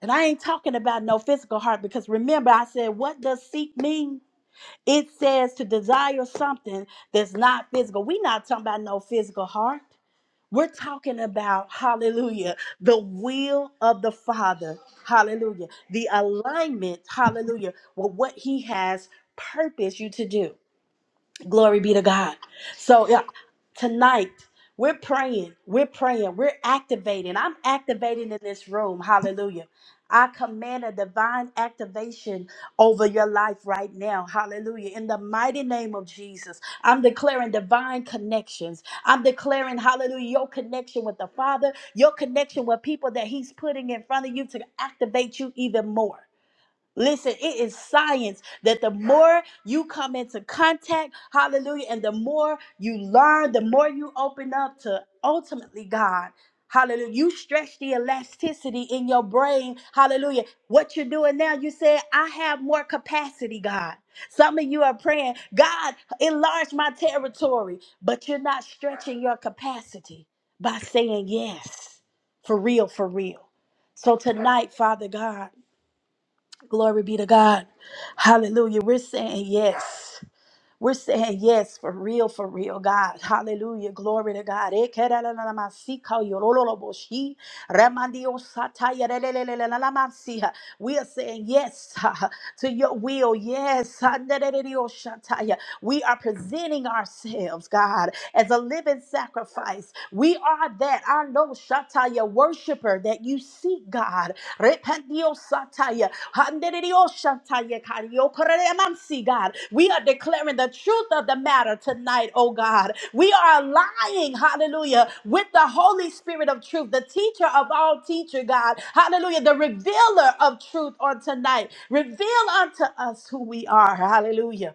E: And I ain't talking about no physical heart because remember, I said, what does seek mean? It says to desire something that's not physical. We're not talking about no physical heart. We're talking about, hallelujah, the will of the Father, hallelujah, the alignment, hallelujah, with what He has purposed you to do. Glory be to God. So yeah, tonight we're praying, we're praying, we're activating. I'm activating in this room. Hallelujah. I command a divine activation over your life right now. Hallelujah. In the mighty name of Jesus, I'm declaring divine connections. I'm declaring, hallelujah, your connection with the Father, your connection with people that He's putting in front of you to activate you even more. Listen, it is science that the more you come into contact, hallelujah, and the more you learn, the more you open up to ultimately God. Hallelujah. You stretch the elasticity in your brain. Hallelujah. What you're doing now, you said, I have more capacity, God. Some of you are praying, God, enlarge my territory, but you're not stretching your capacity by saying yes. For real, for real. So tonight, Father God. Glory be to God. Hallelujah. We're saying yes. We're saying yes for real, for real, God. Hallelujah. Glory to God. Ekerelelelamasika yorololoboshi, remandiosataya relelelelelamansiha. We are saying yes ha, to your will. Yes. handeredioshataya. We are presenting ourselves, God, as a living sacrifice. We are that I know Shataya worshiper that you seek, God. Repandiosataya. God. We are declaring the truth of the matter tonight, oh God. We are aligning, hallelujah, with the Holy Spirit of truth, the teacher of all teacher, God. Hallelujah, the revealer of truth on tonight. Reveal unto us who we are. Hallelujah.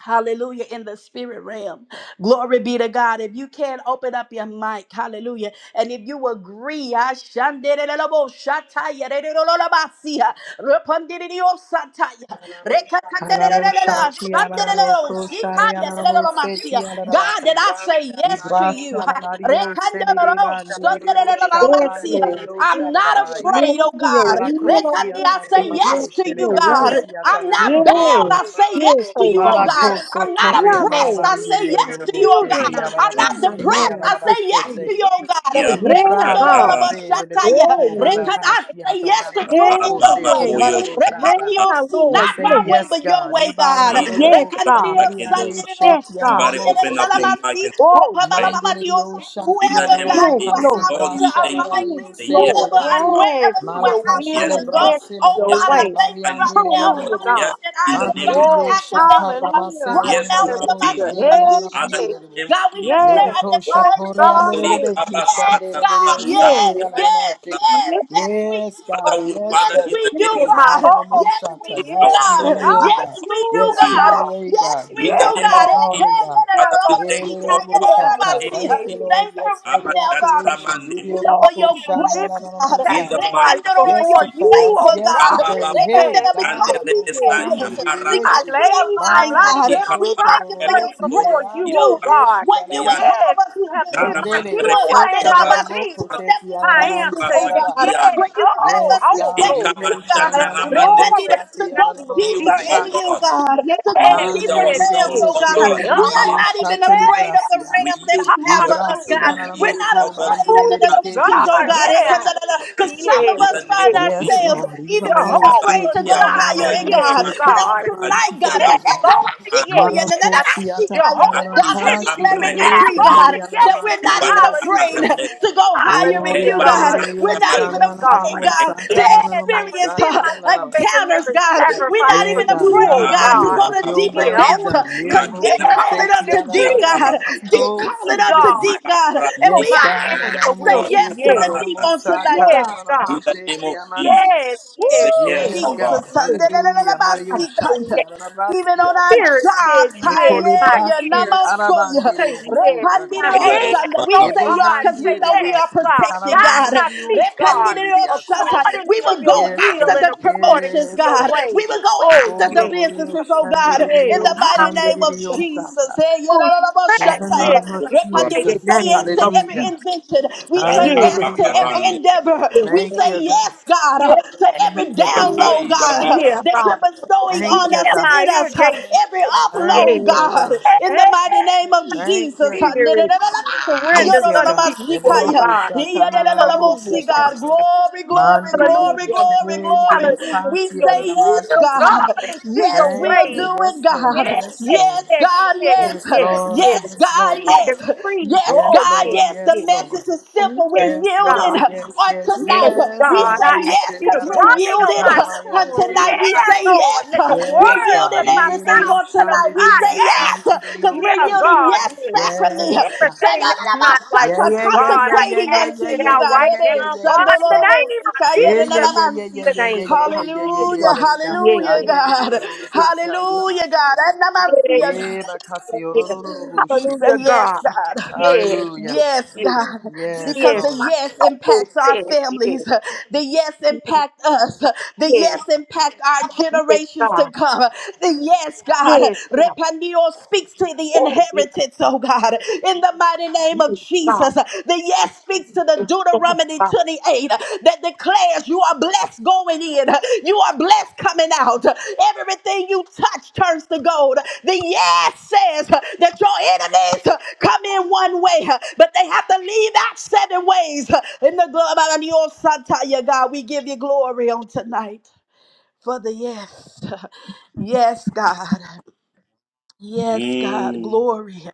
E: Hallelujah in the spirit realm. Glory be to God. If you can open up your mic, hallelujah. And if you agree, I shandelelebo shataya rerololabasiya, repandirio sataya, Hallelujah.
D: Kalalo
E: rekatandelelelele,
D: shati alalalo
E: shandelelelo,
D: ko shari
E: sikaya
D: alalalo seti
E: lelelomasiya. God,
D: alalabaka.
E: that I say yes to
D: Ibra
E: you.
D: shalalario selele bandilirio
C: Yes, Lord.
D: shalabandilirio
E: I'm not
D: shalalabai.
C: Yes
E: afraid, oh
C: to your
E: God.
C: will, oh
D: Malakosi
E: Rekandi,
C: God,
E: I say
C: and
E: yes
D: atarababo
C: yes
E: to
C: to
E: you,
C: your way.
E: God.
D: shelebakasi
E: I'm not bound.
D: atananaraboko.
C: Yes,
E: I say
C: yes,
E: yes to
C: oh
E: you, oh
C: God.
E: God. I'm
D: Malakoso
E: not
C: Yeah,
D: toria
E: oppressed.
C: Lord.
E: I say
D: manabandilirio
C: My
E: yes to
D: lolobo
E: you, oh
A: Thank
C: children
D: sheki
E: God.
C: are
E: I'm
A: you.
C: free.
E: not
C: My
D: alalabaseki
E: depressed. I
C: marriage is
E: say yes
D: alalabasete.
C: free.
E: to you, oh God.
A: Yeah.
C: Yeah,
D: Libra la
C: God.
D: basele de
C: Yeah,
D: boku
E: Rekada, Say
D: barakashiata
E: yes
D: la la
E: to
D: la
C: yeah,
E: doing it
D: boku
E: your
D: seti
C: yeah, yeah,
D: la
E: way.
D: la bosata.
C: yeah,
E: Repaniosi,
D: We
C: Lord.
E: not
D: say
C: Yes,
E: my way,
D: yes,
E: but your
D: God.
E: way, God.
D: Ibando lo lo
C: yes, God.
E: Rekandirio,
D: boku biari
E: sandirio,
C: Yes,
D: sheti la
C: God.
D: la
A: Somebody open up your
D: mosete.
A: mic
E: shikandirelalamansi,
A: and
C: Oh, yes,
A: pray.
D: Mandele
E: ropababababadiosa.
D: yo shati
A: In the
D: la
E: Whoever,
A: name
D: la
A: of
E: God,
C: yes,
E: you
A: Jesus,
E: will
D: makasi
C: Lord.
E: have me
A: Lord,
E: to
A: we
D: brasha la
A: thank you.
D: la
A: We
E: align
C: Yes,
E: with,
D: yo
A: say
D: sele
A: yes,
D: de
C: Lord.
E: whoever and
D: bandi.
A: to
C: Yes,
E: wherever
C: to
E: you will
C: your
E: have me
D: Malakashi
C: will
A: yes
D: le
A: to
E: to
C: and
E: go,
A: your
C: yes, to
D: brasele
E: oh
C: your
A: yes
E: God,
A: to
E: I
D: boku
A: your
C: way.
E: thank you
A: assignment.
E: right
D: bariande le le
E: now.
A: Lord,
C: Hallelujah,
D: boku.
C: God.
A: yes,
E: Hallelujah, that I
A: in
E: am
A: the name
D: Mandele
A: of
E: divine
D: yo
C: Oh,
D: shata
E: activated uh,
C: hallelujah.
D: rabasele
E: right
A: yes
E: now
D: andala
A: to
E: in
D: la
E: the mighty
A: obedience.
C: Hallelujah.
E: name
D: boskeri
E: of
D: la la
E: these
A: Father, in
C: Hey,
A: the
E: Jesus.
D: mandele
A: name of
E: God, we
A: Jesus.
C: yes,
E: declare a
D: Miriko
C: yes,
E: divine
D: Shatori and
E: yes.
C: God.
D: the
E: uh,
A: Holy
C: Yes,
D: Rebeki
C: Um,
E: Yes, God.
D: Shandere
E: Yes,
D: Sati
C: yes,
A: Kabasakabashantelebe.
E: yes,
D: and
A: Father,
E: yes,
C: yes.
E: yes, we do.
D: Yes,
E: uh,
D: God.
A: we-
D: Yes,
E: Yes,
A: Father,
D: God.
A: in the
E: we
C: This
E: do,
A: name
C: is
A: of
C: my
E: God.
C: all
E: Yes,
C: to
D: Hallelujah.
C: me.
E: we
A: Jesus,
E: do,
D: Yes
C: Yes,
D: to your
E: God.
A: ourselves
D: will,
E: Yes,
D: God.
E: we do,
D: Yes
A: to
C: hallelujah,
D: to
A: you.
D: your
E: God.
C: God.
D: way,
E: Yes,
D: God.
E: we
A: In the
D: Yes
E: do,
C: Yes,
D: to
A: name
D: my
A: of
E: God.
C: Lord.
A: Jesus,
D: calling, God.
C: Yes,
A: Father, we
C: Lord.
A: thank you, O
D: Hallelujah.
A: God. In
C: Yeah,
A: the
C: yeah,
A: name of
D: Thank
C: yeah,
D: you,
A: Jesus.
C: yeah.
D: Lord.
E: Thank you
D: Yes for
E: right
D: the
E: now, God
D: activation.
A: Abashatramande.
D: Hallelujah.
E: for
C: Lord,
E: your
C: and
E: grace,
C: living
E: God.
A: In the mighty
C: sacrifice
A: name
E: Rekandororo,
A: of
D: Yes
E: Your
C: before
D: to
A: Jesus.
C: you,
D: fast.
E: favor,
C: oh
D: Yes to
C: God.
E: God.
D: pray.
A: Likabababu,
D: Hey,
C: Yes,
E: Rekandororo,
D: God,
E: Because
C: yes,
D: I'm
E: we
D: on
C: yes.
E: said
A: Anderebesaina,
E: yes,
D: Sunday.
C: I
A: Marakatu,
E: because we
C: lay
E: are
C: my
E: lying,
D: Mano
C: life
E: God.
C: down
E: We
D: koshoto
E: thank
A: Likamandu,
E: you for your
C: prostrate
D: rorose
E: grace
D: kere
C: before
A: Elegidosa,
E: to
C: you,
D: anda
C: oh
E: do
A: Imbraski,
C: God.
D: rebeshi
E: what you would
A: Brianda,
D: kalaramani.
E: have
C: Yes,
E: us
C: you
E: to
C: have
E: do.
C: been my
E: For
D: Mandele
E: you
D: un
E: are
C: healer
E: out
D: soto
E: there
C: and
A: Jalamanderekedia,
E: and
C: my
E: about
D: rorobo
E: to
C: redeemer.
A: Baramasandu,
E: step
D: kosheti
E: in
C: My
E: places,
D: aranamansi
C: answer
E: oh
C: is
D: karabai.
E: God,
C: yes.
A: Imbrasakidianda,
E: where you would have
C: Oh,
D: Yes,
E: us to
C: oh,
D: God.
E: step
C: glory.
E: into,
D: Edio
E: God.
D: shana na na na mo
E: Repent
C: Glory to
E: to
D: sate
C: the
D: ya
A: Likabashataramandelebesia.
E: go
D: na na
E: go
C: name
D: na
C: of
A: We
D: mo
E: deeper
A: yield,
E: in
A: O
C: Jesus.
E: you,
D: shata.
A: God.
E: God,
C: Yes,
E: to
A: We
E: go
A: yield
D: Hande
E: deeper
D: le
C: yes,
E: realms,
A: ourselves,
D: mo
C: yes,
E: oh
A: O
E: God.
C: yes.
A: God,
D: sheki di
A: in
E: We
D: di
A: the
E: are
A: name
E: not
C: Oh,
A: of
E: even
D: shate li
C: yes.
E: afraid of the
D: brasia.
A: we
E: realm that
A: yield
E: you
A: to
E: have
A: your
E: for us,
A: will.
C: Hallelujah.
E: God.
A: We
D: na na
E: We're
D: mo
A: yield,
E: not
A: O
D: ko
A: God, to
E: afraid
D: bandi
A: your
E: of
D: e le
E: the
A: plan.
C: Hallelujah,
A: We
E: dimensions,
D: si na
E: oh
C: God,
D: na
A: yield,
E: God.
A: O
D: masi.
A: God,
C: yeah.
A: to your assignment.
E: Because some of
C: Yes,
A: In the
E: us
A: name
E: find
A: of
C: yes,
D: Yes,
A: Jesus.
C: yes.
E: ourselves
D: Lord. Iba
E: even
D: mo
E: being
D: mo
E: afraid
C: Jehovah
E: to
D: sheki
A: Rabasia
D: ya
E: go
D: na na na
E: higher
D: mo
C: Jireh,
E: in
A: Murema
D: mo
C: yes,
E: God. But
D: na
A: Mamayanda
E: on
D: na
C: God.
D: man
E: tonight,
D: di
A: Rabasia
D: di
E: God,
D: mo.
C: Yes,
A: Bakuku
C: Lord,
A: Mamara
C: yes.
D: Malako
A: Masante
D: siata na na
C: Jehovah
D: na
E: God, I
A: Langija
D: ta
C: teaching
D: si
E: declare
C: you,
E: declare
A: Ambre
E: and
C: yeah,
E: decree,
C: Lord,
D: sendere
E: God,
A: Ekidians
D: na na
E: that
C: yes.
D: ma
E: we're not
D: ka
A: Ukujuban
E: even
D: si
E: afraid
C: Hallelujah,
A: Arakades
E: to go higher
D: Oh,
E: in
D: be
C: hallelujah,
E: you,
D: on it, it,
E: God.
C: God.
D: it,
E: We're
A: Rebasaina
D: oh,
E: not even
C: Yes,
A: Maruku
D: shana, na, na, na,
C: God.
E: afraid,
D: mo,
E: God,
A: Reja
D: sata,
E: to
D: na, na, na,
C: Yes, I
D: mo,
E: experience
C: present
E: uh,
C: myself
D: saka,
C: as a
E: encounters,
C: living
E: God. We're
C: sacrifice
E: not
D: Yeah,
C: for
E: even
C: you,
D: God, not
C: oh
E: afraid,
D: my
E: God,
A: Laku
E: to
D: will,
C: God.
D: but
E: go
A: Baba
E: to
D: your
E: deeper
C: Yeah,
A: Babu
D: will be
E: depth,
C: only
D: done.
C: you.
E: because deep
A: Rakena
D: Nereboko
C: Yeah,
E: call
D: se
E: it
A: Mazaka
E: unto
A: Dia
E: deep,
C: decree,
D: kiyanamate.
E: God.
D: My
A: Brahazo
E: Deep
D: soul
E: call
C: decree,
E: it
D: say
E: unto
D: yes.
C: God.
E: deep,
A: Ima
E: God. And
C: So
D: Yes,
E: we
A: Brasiki
C: my
D: God.
C: answer
E: ah,
A: Yano
C: will
D: Ananamo
E: say
C: be
D: she
E: yes to
C: yes.
E: the
A: Tataraha
E: deep
D: kiyanamo
E: on
A: Sata
D: sa
E: tonight,
C: Yes,
E: God.
D: kananamo
C: God.
A: In the
D: she
A: name of Jesus
D: kiyanansi.
C: Yes,
E: Woo,
A: we
C: yes,
A: say yes,
C: yes,
D: Yes,
A: O God.
D: God.
E: Jesus.
C: yes.
D: Hallelujah.
C: I
D: Mario
C: say
E: Sandelelelebasikaya.
D: shati
C: yes.
E: Even
D: ananabraski
E: on our
D: ata.
C: Spirit says
E: jobs,
C: yes.
D: Nikoli
E: haya,
C: My
E: ya,
D: braski
C: ears
E: namasoya.
D: arabandele
C: say
D: oboko
C: yes. My
D: shati aba.
A: Ayaya
C: hands,
E: Repandiroshanda. we
A: Baba
C: oh
E: say
D: Yebo
E: yes
C: God,
E: because we
C: say
D: nandile de
E: know we
C: yes,
E: are
D: braski
C: God.
E: protected,
C: Guide
E: God.
D: taramandile
C: my
D: de
C: feet, God,
D: oshandile de asa.
E: Repandiroshata.
C: according
E: We
C: to
E: will
C: your
E: go
D: Yes, God.
C: will
E: after
C: and
E: the
C: according
E: promotions,
C: to
D: Yes,
C: your
D: God.
E: God.
C: way.
E: We will go
D: In
C: Oh,
E: after the
C: yes,
D: the
E: businesses, oh God, in
C: yes.
E: the mighty name of
C: Hallelujah.
E: Jesus. Hey, ya,
C: Oh, you said yes
D: name
C: in
D: of
A: Akum
C: the
A: Brasha
E: Repandi- We
D: Jesus.
E: say
C: mighty name
E: yes to
C: of
D: Hallelujah.
E: every
C: Jesus.
E: invention. We say
C: Yes,
E: yes to
D: Hallelujah, God.
E: every
A: Papa
E: endeavor.
C: yes,
E: We
D: Thank
C: yes,
E: say
D: you, God.
E: yes, God, uh,
C: yes.
E: to
D: Thank
E: every
D: you, God.
C: yes.
E: download,
A: Aida
E: God, uh,
A: bara
C: Yeah,
E: that
C: God.
E: you're bestowing
C: Yeah,
A: sakunda.
D: Thank
E: on
D: you,
E: us and
D: God.
C: my
E: in
C: ear
E: us. uh,
C: gate.
E: Every
C: Yeah.
D: Thank
E: upload,
D: you,
E: God,
D: God.
C: Eh, eh,
E: in the mighty
C: eh,
E: name of
D: Thank you,
E: Jesus. uh,
C: Fear
D: God.
C: it.
D: Thank
C: surrenders
D: you,
C: unto
D: God.
C: you, oh God.
D: Ebolobosa
C: Hallelujah, God.
D: kananaboseke.
E: God, glory, glory, glory,
C: Hallelujah.
E: glory, glory.
C: Hallelujah to
E: We
D: Mandiribushenirusati
C: your
E: say yes,
C: will,
D: aramashitu.
E: God.
C: God, and to
E: Yes,
C: your
D: Thank
E: we'll
C: way.
D: you.
E: do it,
D: Yes, Lord.
E: God.
C: Yes,
D: Yes,
E: Yes,
D: Lord.
C: yes,
E: God,
C: yes,
D: Yes,
E: yes.
C: yes,
D: Lord.
C: yes.
E: Yes, God,
D: Yes,
C: I
D: Lord.
E: Yes, yes.
C: decree,
E: Yes,
D: Yes,
C: oh
E: God,
C: yes,
D: Lord.
E: yes, the
C: yes,
D: Yes, Lord.
E: message is simple. We're
C: yes,
D: Yes,
C: God.
E: yielding
D: Lord. Yes,
E: on
D: yes,
C: Yes,
E: tonight.
D: yes.
E: We
C: God. I
E: say
D: Emmanuel,
C: ask
E: yes
C: you
D: Shiri,
C: to
E: because we're
D: Arabasi,
C: bridle
E: yielded
C: my
E: on
D: Karamayandi,
C: tongue.
E: tonight. We
D: Riosa.
C: Yeah,
E: say
C: Lord.
E: yes.
C: Let the
E: We're
D: Yes,
C: words of
D: God.
E: yielding
C: my
D: Emi,
E: everything
C: mouth
E: on
C: set
E: tonight.
D: Oshandi,
E: We say
C: aside.
D: Ria,
E: yes
D: Santi,
E: because we're
C: Yeah,
D: Riosa.
E: yielding
C: God,
E: yes
C: yeah.
E: sacrament.
D: Yes, God.
C: Everything that's not like
D: Yeah,
E: Sagadabashata,
C: you,
D: yeah, yeah,
C: God,
D: yeah,
C: I
D: yeah,
E: Consecrating
D: yeah,
C: cast
E: unto
D: yeah,
C: it
E: you,
D: yeah,
C: out
E: God.
D: yeah,
C: right
E: It
D: yeah, yeah, yeah,
E: is.
C: now.
D: yeah,
C: God,
D: yes,
C: in the
D: God.
E: Shandololobo,
C: name of
D: Yeah, yeah,
C: Jesus,
D: yeah, yeah,
E: sikayerenanamansi.
D: yeah,
C: the
D: yeah, yeah,
C: name of
D: yeah, yeah, yeah, yeah, yeah,
E: Hallelujah,
C: God.
D: yes, God.
C: Yes.
E: hallelujah,
D: Andele,
E: God.
C: Yes.
D: Riosa,
E: Hallelujah, God.
D: Tananamakia.
C: yeah,
E: Anamansi,
C: yeah.
E: God.
D: Eva,
C: yeah,
D: Casio,
C: yeah.
E: We
D: Rororobushi.
E: say
C: Hallelujah,
E: yes,
C: God.
E: God.
C: Yes,
D: Hallelujah.
E: Yes,
C: yes,
E: God.
D: Yes,
E: Because
C: yes.
D: Lord.
E: the yes
C: Oh,
E: impacts our
C: yes, yes,
E: families. The yes
C: yes,
E: impact us. The yes impact our
C: yes,
E: generations to
C: God.
E: come. The yes, God.
C: Yes, God.
E: Repandio speaks to the
C: Oh, yes, yes,
E: inheritance, oh God. In the mighty name of
C: God.
E: Jesus. The yes speaks to the
C: Yes,
E: Deuteronomy
C: God.
E: 28 uh, that declares you are blessed going in, uh, you are blessed coming out. Uh, Everything you touch turns to gold. Uh, The yes says uh, that your enemies uh, come in one way, uh, but they have to leave out seven ways. Uh, In the glory of your son, Taya, God, we give you glory on tonight for the yes. Yes, God. Yes, God.
A: Mm,
E: Glory.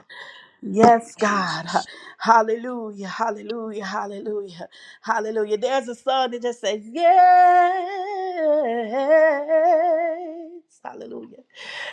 E: Yes, God. Ha-
A: Jesus.
E: Hallelujah. Hallelujah. Hallelujah. Hallelujah. There's a song that just says, Yes. Hallelujah.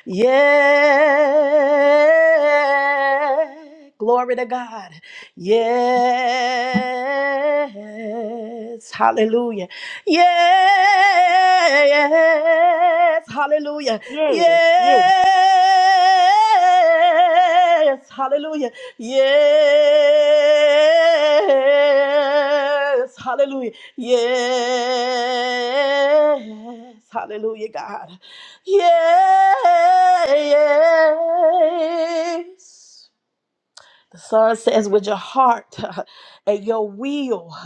E: Yeah. Glory to God. Yeah. Yes, hallelujah. Yes, hallelujah.
C: Yes, yes,
E: Yes, hallelujah. Yes, hallelujah. Yes, hallelujah, God. Yes. The Son says, with your heart and your will,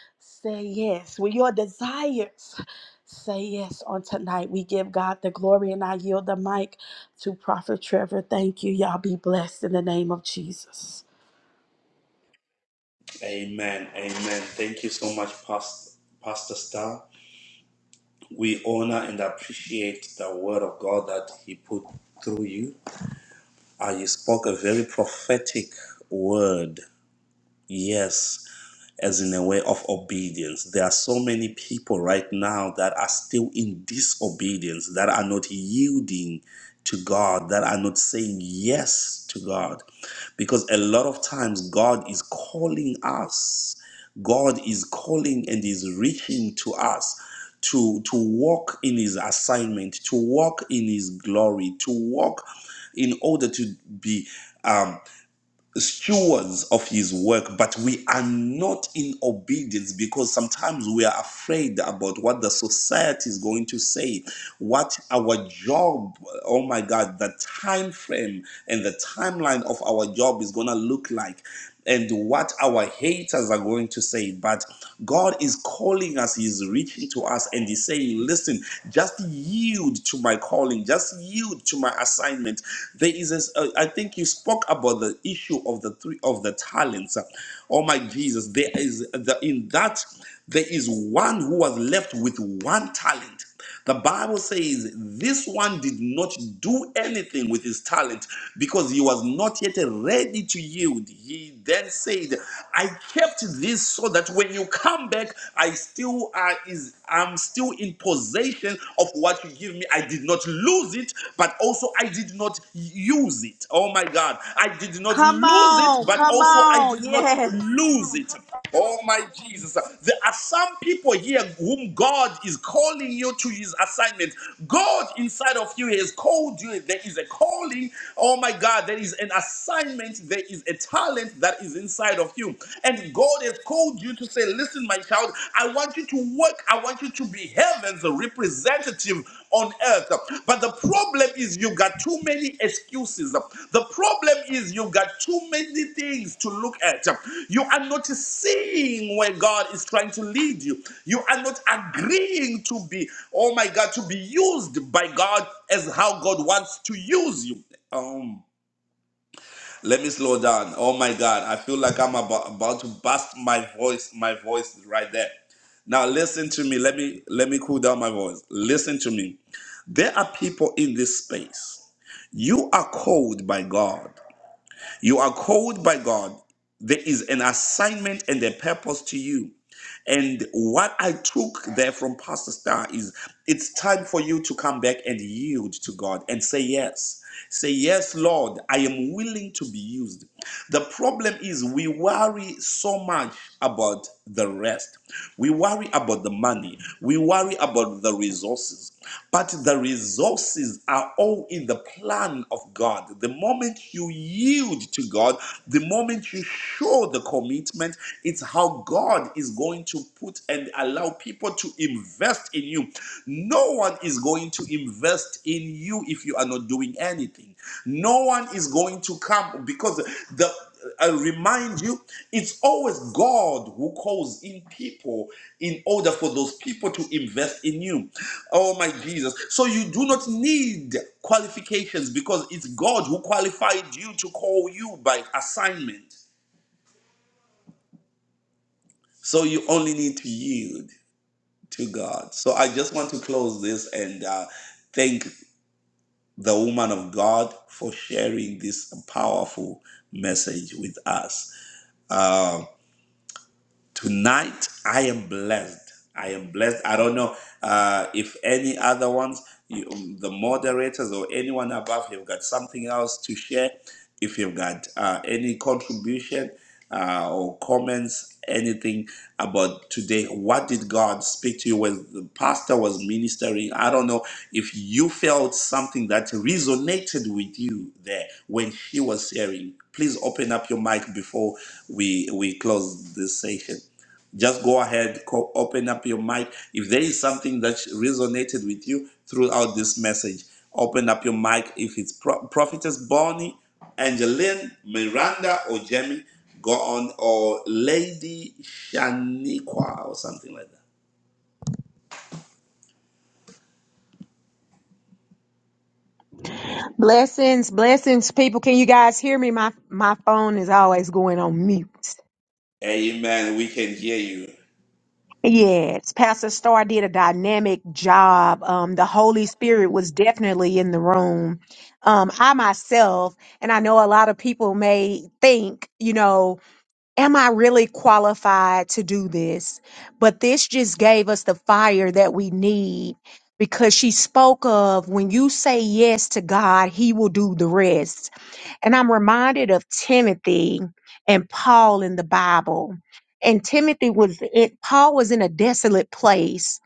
E: say yes. With your desires, say yes on tonight. We give God the glory and I yield the mic to Prophet Trevor. Thank you. Y'all be blessed in the name of Jesus.
A: Amen. Amen. Thank you so much, Pastor, Pastor Star. We honor and appreciate the word of God that He put through you. Uh, you spoke a very prophetic word. Yes. as in a way of obedience. There are so many people right now that are still in disobedience, that are not yielding to God, that are not saying yes to God. Because a lot of times God is calling us, God is calling and is reaching to us. To, to walk in his assignment, to walk in his glory, to walk in order to be um, stewards of his work, but we are not in obedience because sometimes we are afraid about what the society is going to say, what our job, oh my God, the time frame and the timeline of our job is going to look like and what our haters are going to say. But God is calling us, He is reaching to us, and He's saying, Listen, just yield to my calling, just yield to my assignment. There is, this, uh, I think you spoke about the issue of the three of the talents. Oh my Jesus, there is the, in that there is one who was left with one talent. The Bible says this one did not do anything with his talent because he was not yet ready to yield. He then said, I kept this so that when you come back, I still are is I'm still in possession of what you give me. I did not lose it, but also I did not use it. Oh my God. I did not
E: Come
A: lose it,
E: on,
A: but
E: come
A: also I
E: on.
A: did not
E: Yes.
A: lose it. Oh my Jesus. There are some people here whom God is calling you to his assignment. God inside of you has called you. There is a calling. Oh my God. There is an assignment. There is a talent that is inside of you. And God has called you to say, Listen, my child, I want you to work. I want you to be heaven's representative on earth. But the problem is you got too many excuses. The problem is you got too many things to look at. You are not seeing where God is trying to lead you. You are not agreeing to be, oh my God, to be used by God as how God wants to use you. Um, let me slow down. Oh my God, I feel like I'm about, about to bust my voice, my voice right there. Now listen to me. Let me let me cool down my voice. Listen to me. There are people in this space. You are called by God. You are called by God. There is an assignment and a purpose to you. And what I took there from Pastor Star is it's time for you to come back and yield to God and say yes. Say, Yes, Lord, I am willing to be used. The problem is we worry so much about the rest. We worry about the money. We worry about the resources. But the resources are all in the plan of God. The moment you yield to God, the moment you show the commitment, it's how God is going to put and allow people to invest in you. No one is going to invest in you if you are not doing anything. No one is going to come because the I remind you, it's always God who calls in people in order for those people to invest in you. Oh my Jesus. So you do not need qualifications because it's God who qualified you to call you by assignment. So you only need to yield to God. So I just want to close this and uh, thank the woman of God for sharing this powerful message with us. Um, tonight i am blessed i am blessed i don't know uh, if any other ones you, um, the moderators or anyone above have got something else to share if you've got uh, any contribution uh, or comments anything about today what did god speak to you when the pastor was ministering i don't know if you felt something that resonated with you there when she was sharing please open up your mic before we we close this session just go ahead co- open up your mic if there is something that resonated with you throughout this message open up your mic if it's Pro- prophetess bonnie angeline miranda or jamie go on or lady shaniqua or something like that
C: Blessings, blessings, people. Can you guys hear me? My my phone is always going on mute.
A: amen we can hear you
C: Yes, Pastor Starr did a dynamic job. Um, the Holy Spirit was definitely in the room. Um, I myself, and I know a lot of people may think, you know, am I really qualified to do this? But this just gave us the fire that we need because she spoke of when you say yes to God, He will do the rest. And I'm reminded of Timothy and Paul in the Bible. And Timothy was it Paul was in a desolate place,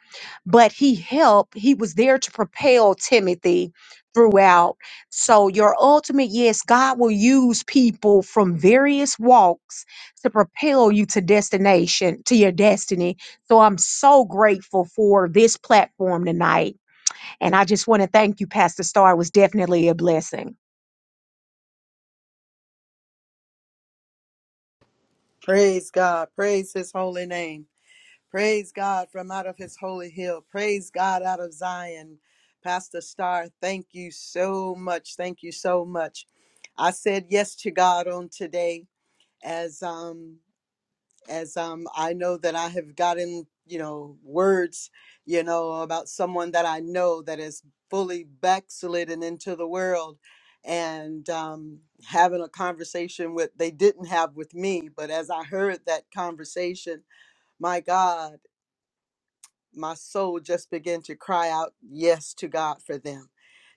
C: but he helped, he was there to propel Timothy throughout. So your ultimate yes, God will use people from various walks to propel you to destination, to your destiny. So I'm so grateful for this platform tonight. And I just want to thank you, Pastor Star. It was definitely a blessing.
D: Praise God. Praise His holy name. Praise God from out of his holy hill. Praise God out of Zion. Pastor Star, thank you so much. Thank you so much. I said yes to God on today as um as um I know that I have gotten, you know, words, you know, about someone that I know that is fully backslidden into the world and um having a conversation with they didn't have with me, but as I heard that conversation, my God my soul just began to cry out yes to God for them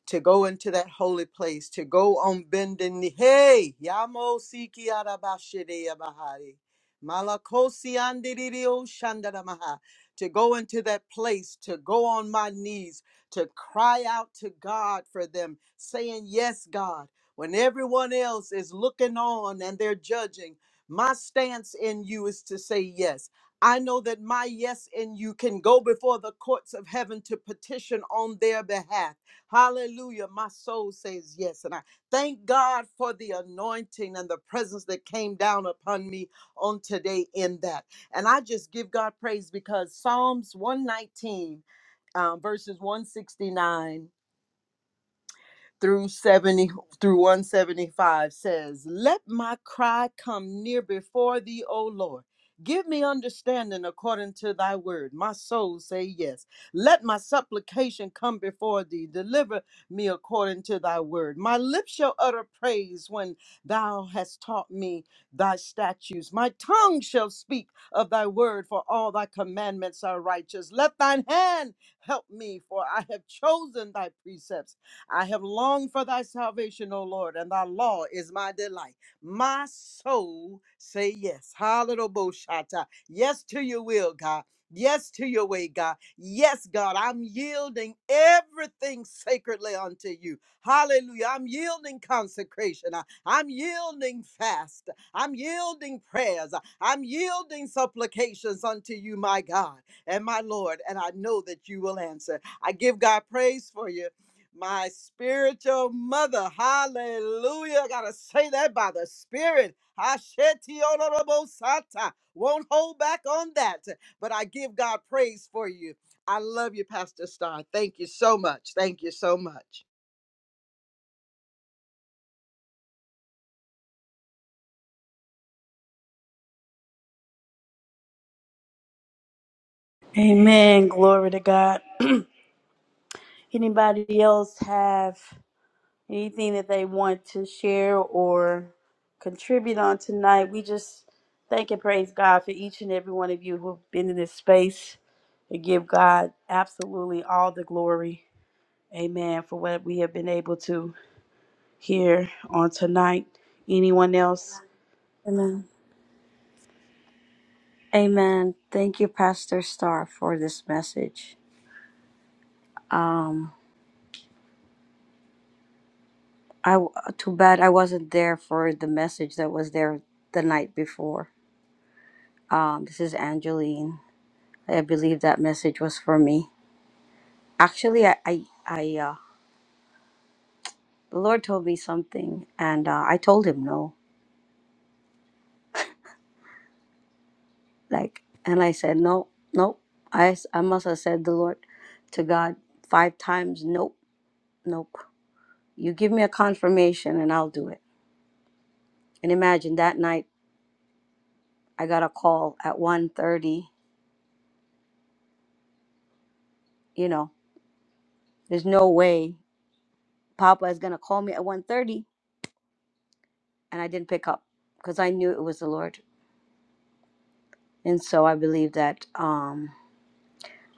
D: to go into that holy place, to go on bending knee. Hey, Yamo Siki Arabashide Yabahari. Malakosi Andiririo Shandaramaha. To go into that place, to go on my knees, to cry out to God for them, saying, Yes, God. When everyone else is looking on and they're judging, my stance in you is to say yes. I know that my yes in you can go before the courts of heaven to petition on their behalf Hallelujah. My soul says yes. And I thank God for the anointing and the presence that came down upon me on today in that. And I just give God praise because Psalms 119, um, verses 169 through 70 through 175 says, Let my cry come near before thee, O Lord. Give me understanding according to thy word. My soul say yes. Let my supplication come before thee. Deliver me according to thy word. My lips shall utter praise when thou hast taught me thy statutes. My tongue shall speak of thy word, for all thy commandments are righteous. Let thine hand help me, for I have chosen thy precepts. I have longed for thy salvation, O Lord, and thy law is my delight. My soul say yes. Hallelujah. Yes to your will, God. Yes to your way, God. Yes, God, I'm yielding everything sacredly unto you. Hallelujah. I'm yielding consecration. I- I'm yielding fast. I'm yielding prayers. I'm yielding supplications unto you, my God and my Lord. And I know that you will answer. I give God praise for you my spiritual mother. Hallelujah. I gotta say that by the spirit. Hashetionorobosata. Won't hold back on that. But I give God praise for you. I love you, Pastor Star. Thank you so much. Thank you so much.
E: Amen. Glory to God. Anybody else have? anything that they want to share or contribute on tonight. We just thank and praise God for each and every one of you who've been in this space and give God absolutely all the glory. Amen. For what we have been able to hear on tonight. Anyone else?
B: Amen. Amen. Thank you, Pastor Star, for this message. Um, I too bad I wasn't there for the message that was there the night before. Um, this is Angeline. I believe that message was for me. Actually, I, I, I uh, the Lord told me something, and uh, I told him no. Like, and I said no, nope. I, s- I must have said the Lord to God five times. Nope, nope. You give me a confirmation, and I'll do it And imagine that night I got a call at one thirty. you know, there's no way Papa is going to call me at one thirty, and I didn't pick up because I knew it was the Lord. And so I believe that um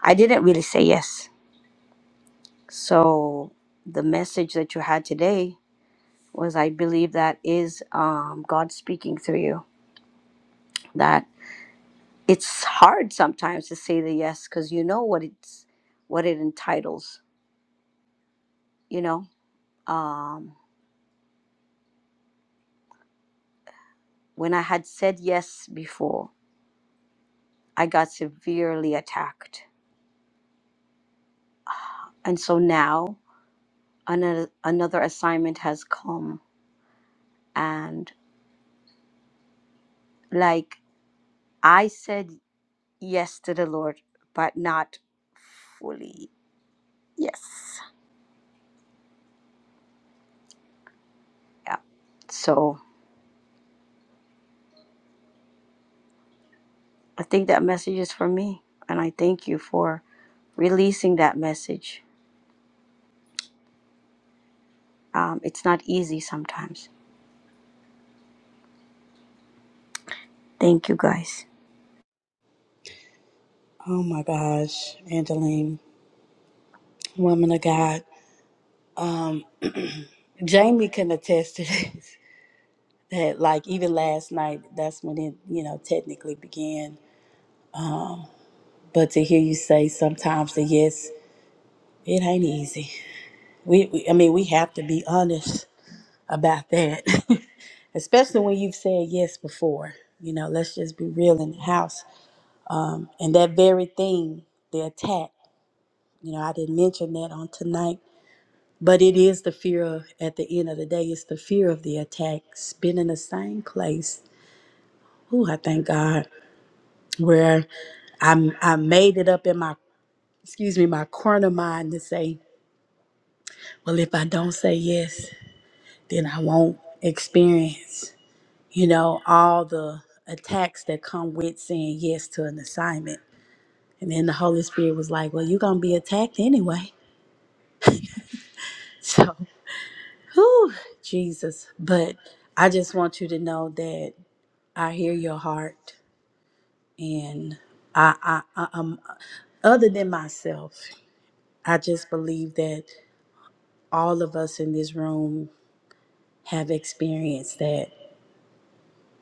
B: I didn't really say yes. So the message that you had today was I believe that is um God speaking through you that it's hard sometimes to say the yes cuz you know what it's what it entitles, you know. um, When I had said yes before, I got severely attacked. And so now another, another assignment has come. And like I said yes to the Lord, but not fully yes. Yeah. So I think that message is for me. And I thank you for releasing that message. Um, it's not easy sometimes. Thank you guys.
E: Oh my gosh, Angeline, woman of God. Um, Jamie can attest to this. That like even last night, that's when it you know technically began. But to hear you say sometimes the yes, it ain't easy. We, we I mean, we have to be honest about that, especially when you've said yes before. You know, let's just be real in the house. Um, and that very thing, the attack. You know, I didn't mention that on tonight, but it is the fear of. At the end of the day, it's the fear of the attack. It's been in the same place. Ooh, I thank God where I I made it up in my excuse me my corner mind to say well, if I don't say yes, then I won't experience, you know, all the attacks that come with saying yes to an assignment. And then the Holy Spirit was like, well, you're going to be attacked anyway. So, whew, Jesus. But I just want you to know that I hear your heart, and I, I, I um, other than myself, I just believe that all of us in this room have experienced that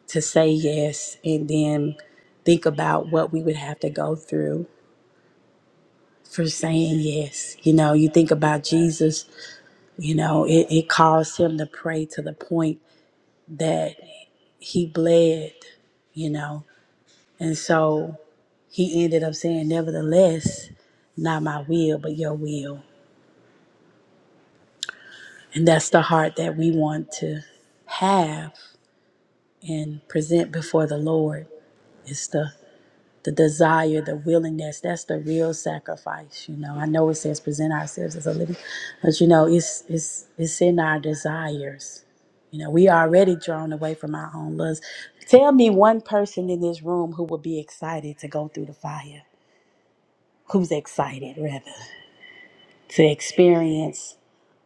E: to say yes and then think about what we would have to go through for saying yes. You know, you think about Jesus, you know, it, it caused him to pray to the point that he bled, you know, and so he ended up saying, Nevertheless, not my will, but your will. And that's the heart that we want to have and present before the Lord. It's the the desire, the willingness, that's the real sacrifice, you know. I know it says present ourselves as a living, but you know, it's it's it's in our desires. You know, we already drawn away from our own lusts. Tell me one person in this room who would be excited to go through the fire. Who's excited rather to experience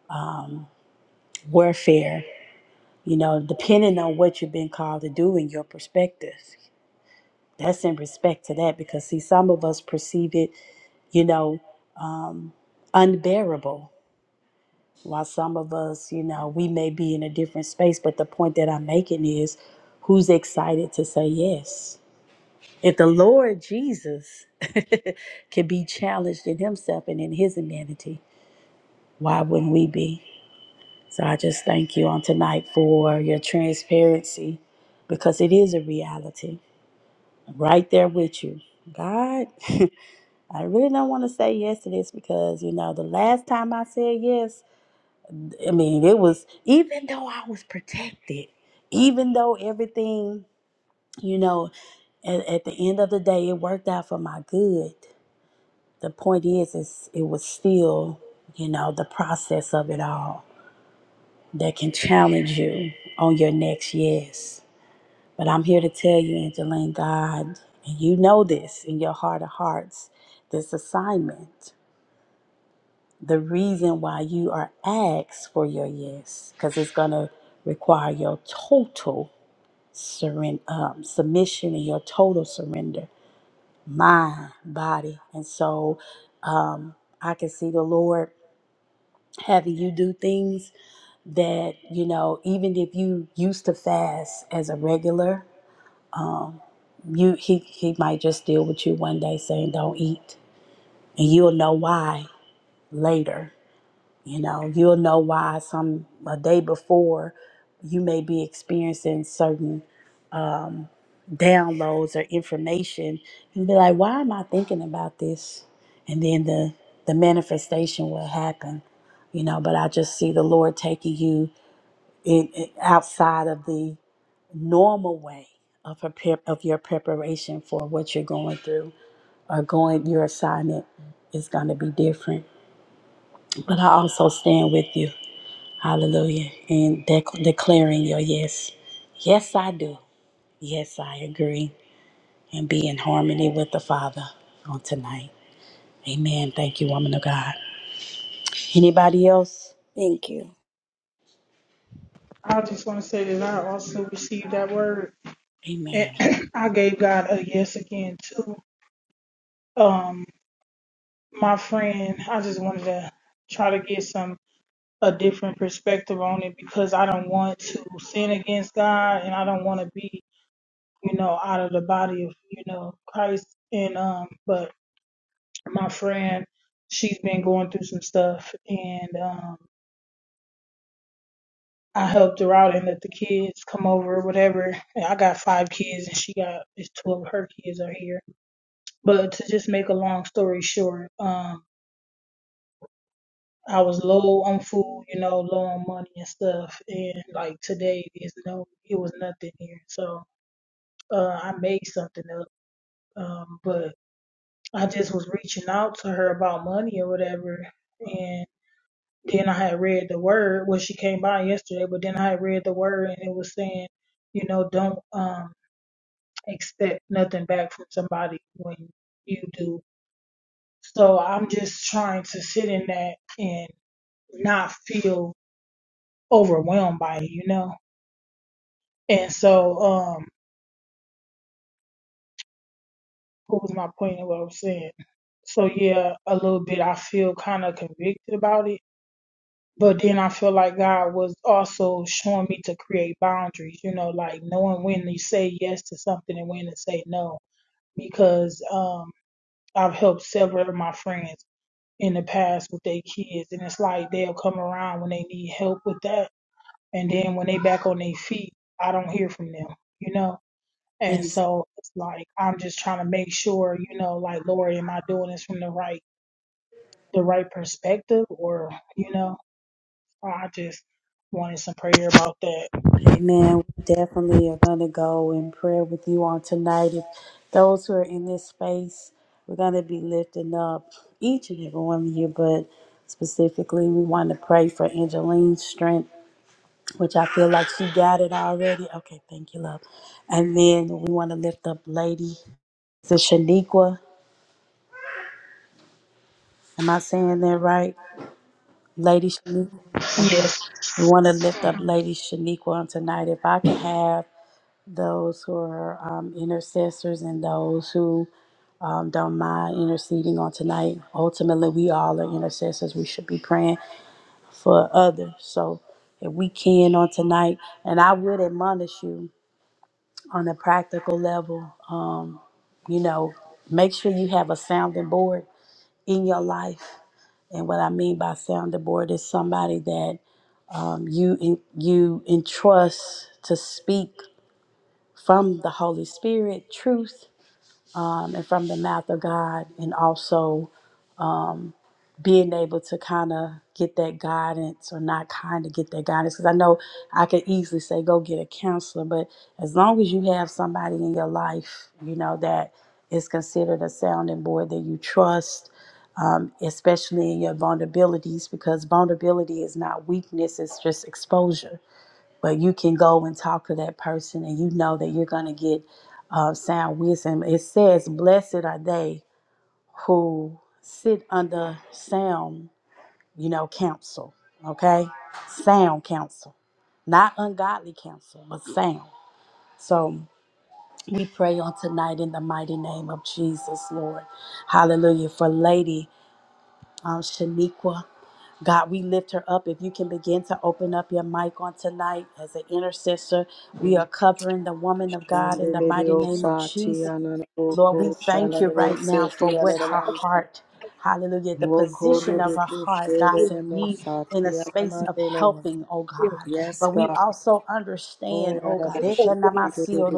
E: um, warfare, you know, depending on what you've been called to do in your perspective. That's in respect to that because see some of us perceive it you know, um, unbearable. While some of us, you know, we may be in a different space, but the point that I'm making is who's excited to say yes? If the Lord Jesus can be challenged in himself and in his humanity, why wouldn't we be? So I just thank you on tonight for your transparency because it is a reality. Right there with you. God, I really don't want to say yes to this because, you know, the last time I said yes, I mean, it was, even though I was protected, even though everything, you know, at, at the end of the day, it worked out for my good. The point is, is it was still, you know, the process of it all that can challenge you on your next yes. But I'm here to tell you, Angeline, God, and you know this in your heart of hearts, this assignment, the reason why you are asked for your yes, because it's going to require your total surrender, um, submission and your total surrender, mind, body, and soul. Um, I can see the Lord having you do things that you know, even if you used to fast as a regular, um, you he he might just deal with you one day saying don't eat, and you'll know why later You know, you'll know why some a day before you may be experiencing certain um, downloads or information and be like, why am I thinking about this? And then the, the manifestation will happen, you know, but I just see the Lord taking you in, in- outside of the normal way of prepare, of your preparation for what you're going through or going your assignment is going to be different. But I also stand with you Hallelujah. And dec- declaring your yes. Yes, I do. Yes, I agree. And be in harmony with the Father on tonight. Amen. Thank you, woman of God. Anybody else?
B: Thank you.
F: I just want to say that I also received that word, and
E: Amen.
F: I gave God a yes again too. Um, my friend, I just wanted to try to get some a different perspective on it because I don't want to sin against God, and I don't want to be, you know, out of the body of you know Christ. And um, but my friend, she's been going through some stuff, and um. I helped her out and let the kids come over or whatever. And I got five kids and she got it's two of her kids are here. But to just make a long story short, um, I was low on food, you know, low on money and stuff. And like today there's no it was nothing here. So uh I made something up. Um, but I just was reaching out to her about money or whatever and then I had read the word. Well she came by yesterday, but then I had read the word and it was saying, you know, don't um expect nothing back from somebody when you do. So I'm just trying to sit in that and not feel overwhelmed by it, you know? And so, um, what was my point of what I was saying? So yeah, a little bit I feel kind of convicted about it, but then I feel like God was also showing me to create boundaries, you know, like knowing when to say yes to something and when to say no, because, um, I've helped several of my friends in the past with their kids. And it's like they'll come around when they need help with that. And then when they back on their feet, I don't hear from them, you know? And
E: Yes.
F: so it's like I'm just trying to make sure, you know, like Lori, am I doing this from the right the right perspective or, you know, I just wanted some prayer about that.
E: Amen. We definitely are going to go in prayer with you on tonight. If those who are in this space, we're going to be lifting up each and every one of you, but specifically, we want to pray for Angeline's strength which I feel like she got it already. Okay, thank you, love. And then we want to lift up Lady the Shaniqua. Am I saying that right? Lady Shaniqua? Okay.
F: Yes.
E: We want to lift up Lady Shaniqua on tonight. If I can have those who are um, intercessors and those who um, don't mind interceding on tonight. Ultimately, we all are intercessors. We should be praying for others. So if we can on tonight, and I would admonish you on a practical level, um, you know, make sure you have a sounding board in your life. And what I mean by sounding board is somebody that um, you en- you entrust to speak from the Holy Spirit truth um, and from the mouth of God, and also um, being able to kind of get that guidance or not kind of get that guidance. Because I know I could easily say, go get a counselor, but as long as you have somebody in your life, you know, that is considered a sounding board that you trust. Um, especially in your vulnerabilities, because vulnerability is not weakness, it's just exposure but you can go and talk to that person and you know that you're going to get uh, sound wisdom. It says, Blessed are they who sit under sound, you know, counsel, okay? Sound counsel, not ungodly counsel, but sound. So we pray on tonight in the mighty name of Jesus, Lord. Hallelujah. For Lady um, Shaniqua. God, we lift her up. If you can begin to open up your mic on tonight as an intercessor, we are covering the woman of God in the mighty name of Jesus. Lord, we thank you right now for what her heart, hallelujah, the position of
D: korebe
E: her heart, God, to be in a space of helping, oh God.
D: Yes,
E: But we
D: God.
E: also understand, oh God,
D: koradabashi kudu du di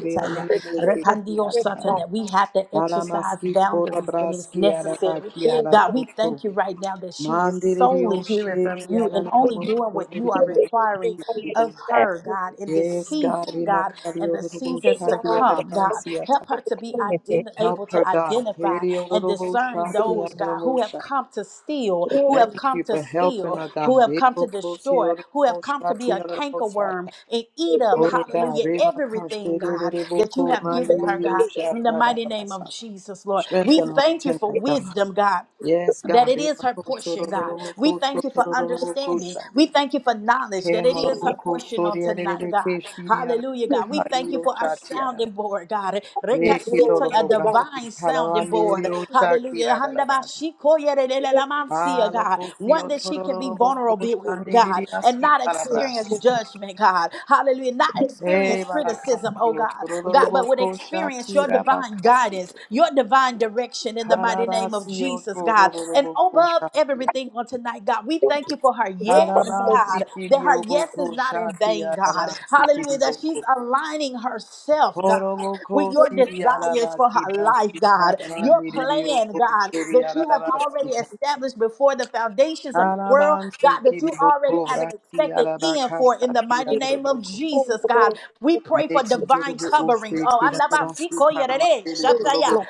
C: We feel that
D: yata
E: repandiosata, that we have to exercise
D: alamaski
E: boundaries when it's
D: korabraski
E: necessary.
D: arabaki
E: God, we
D: araroko
E: thank you right now that she is
D: Mandirio
E: solely hearing
D: shake
E: from you and only
D: yananamo
E: doing what you are
D: yananamo.
C: she is
E: requiring
C: on your
E: of
C: side.
E: her,
C: We
E: God, in this
D: Yes, God,
E: season, God and
D: imakario
E: the
D: robo
C: give
E: seasons to
D: shaki
C: God for
E: come,
C: the
E: God.
D: yananansiata.
E: Help her to be
C: opportunity.
E: ident-
D: Help
E: able to
D: her, God.
E: identify
D: Herio
E: and
D: robo
E: discern
C: We
D: shaki
E: those, God,
D: yananamo
E: who have
D: shaki.
E: come to steal, who
C: give
E: have
D: Thank
E: come
D: you
E: to
D: for helping
E: steal,
D: her, God.
E: who have come to
D: Rebo
E: destroy,
D: fosio
E: who have
D: robo
E: come to be
D: shaki
E: a
D: yananamo
E: cankerworm
D: shaki.
E: and eat up,
D: Oh, God,
E: hallelujah, everything,
D: remakasi
E: God,
D: rebo
E: that you
D: ko
E: have given her,
D: mandirio
E: God. In the
D: shaka
E: mighty name of
D: yananasata.
E: Jesus, Lord. We
D: Strengthen her
E: thank you for
D: tonight, God.
E: wisdom, God
D: Yes,
E: that
D: God.
E: it is
D: Rebo
E: her
D: fosio
E: portion, God. We thank you for
D: robo ko
E: understanding.
D: shaki.
E: We thank you for knowledge
D: Hey,
E: that it is her
D: Molobuku,
E: portion on
D: Soria,
E: tonight, God.
D: Rebeke, Shiria,
E: Hallelujah, God. We thank you
D: Kario,
E: for a
D: Shatiara,
E: sounding board, God.
C: the
D: Meki,
C: glory
E: Rekasito, a
D: Dolobo,
C: to God.
E: divine sounding
D: Halavandi,
E: board. Hallelujah.
D: Shakira,
E: Handabashikoyeredelelamansia, God. One
D: Alokosio,
E: that she can be
D: Torolobo,
E: vulnerable with, God,
D: Koshandi,
E: and
D: Aski,
E: not
C: We
D: Calabra,
E: experience judgment, God. Hallelujah. Not experience criticism criticism, oh
D: Eskio,
E: God,
D: Torolobo,
E: God, but would experience your
D: Katira,
E: divine guidance, your
D: Pasio,
E: divine direction in the mighty name of
D: Halavasio,
E: Jesus, God. And
D: Torolobo,
E: above
D: Koshatia,
E: everything on tonight, God, we thank you for her yes,
C: have
D: Halavansi,
E: God, that
D: Kirio,
E: her yes
D: Boko,
E: is not in
D: Shatia,
E: vain, God. Hallelujah, that she's
D: Alavan,
E: aligning herself, God,
D: Horoboko
E: with your
D: siri
E: desires for
D: arabaki
E: her life,
D: baski
E: God,
D: karaban
E: your plan,
D: niriyoko
E: God,
D: siri
E: that you have
D: arabaski
E: already established before the foundations of the world,
D: karaban
E: God, that
D: sikiri
E: you
D: boko
E: already have an
D: raki
E: expected end
D: arabaka
E: for in the
D: sati
E: mighty name of
D: araboko
C: come
E: Jesus,
C: to
E: God.
C: God
E: We pray for
D: meki
E: divine
D: dorobo
E: covering.
D: oste
E: Oh,
D: kirabaski karaman
E: andabasikoyerere,
C: through
E: shataya,
D: niriyoko
C: my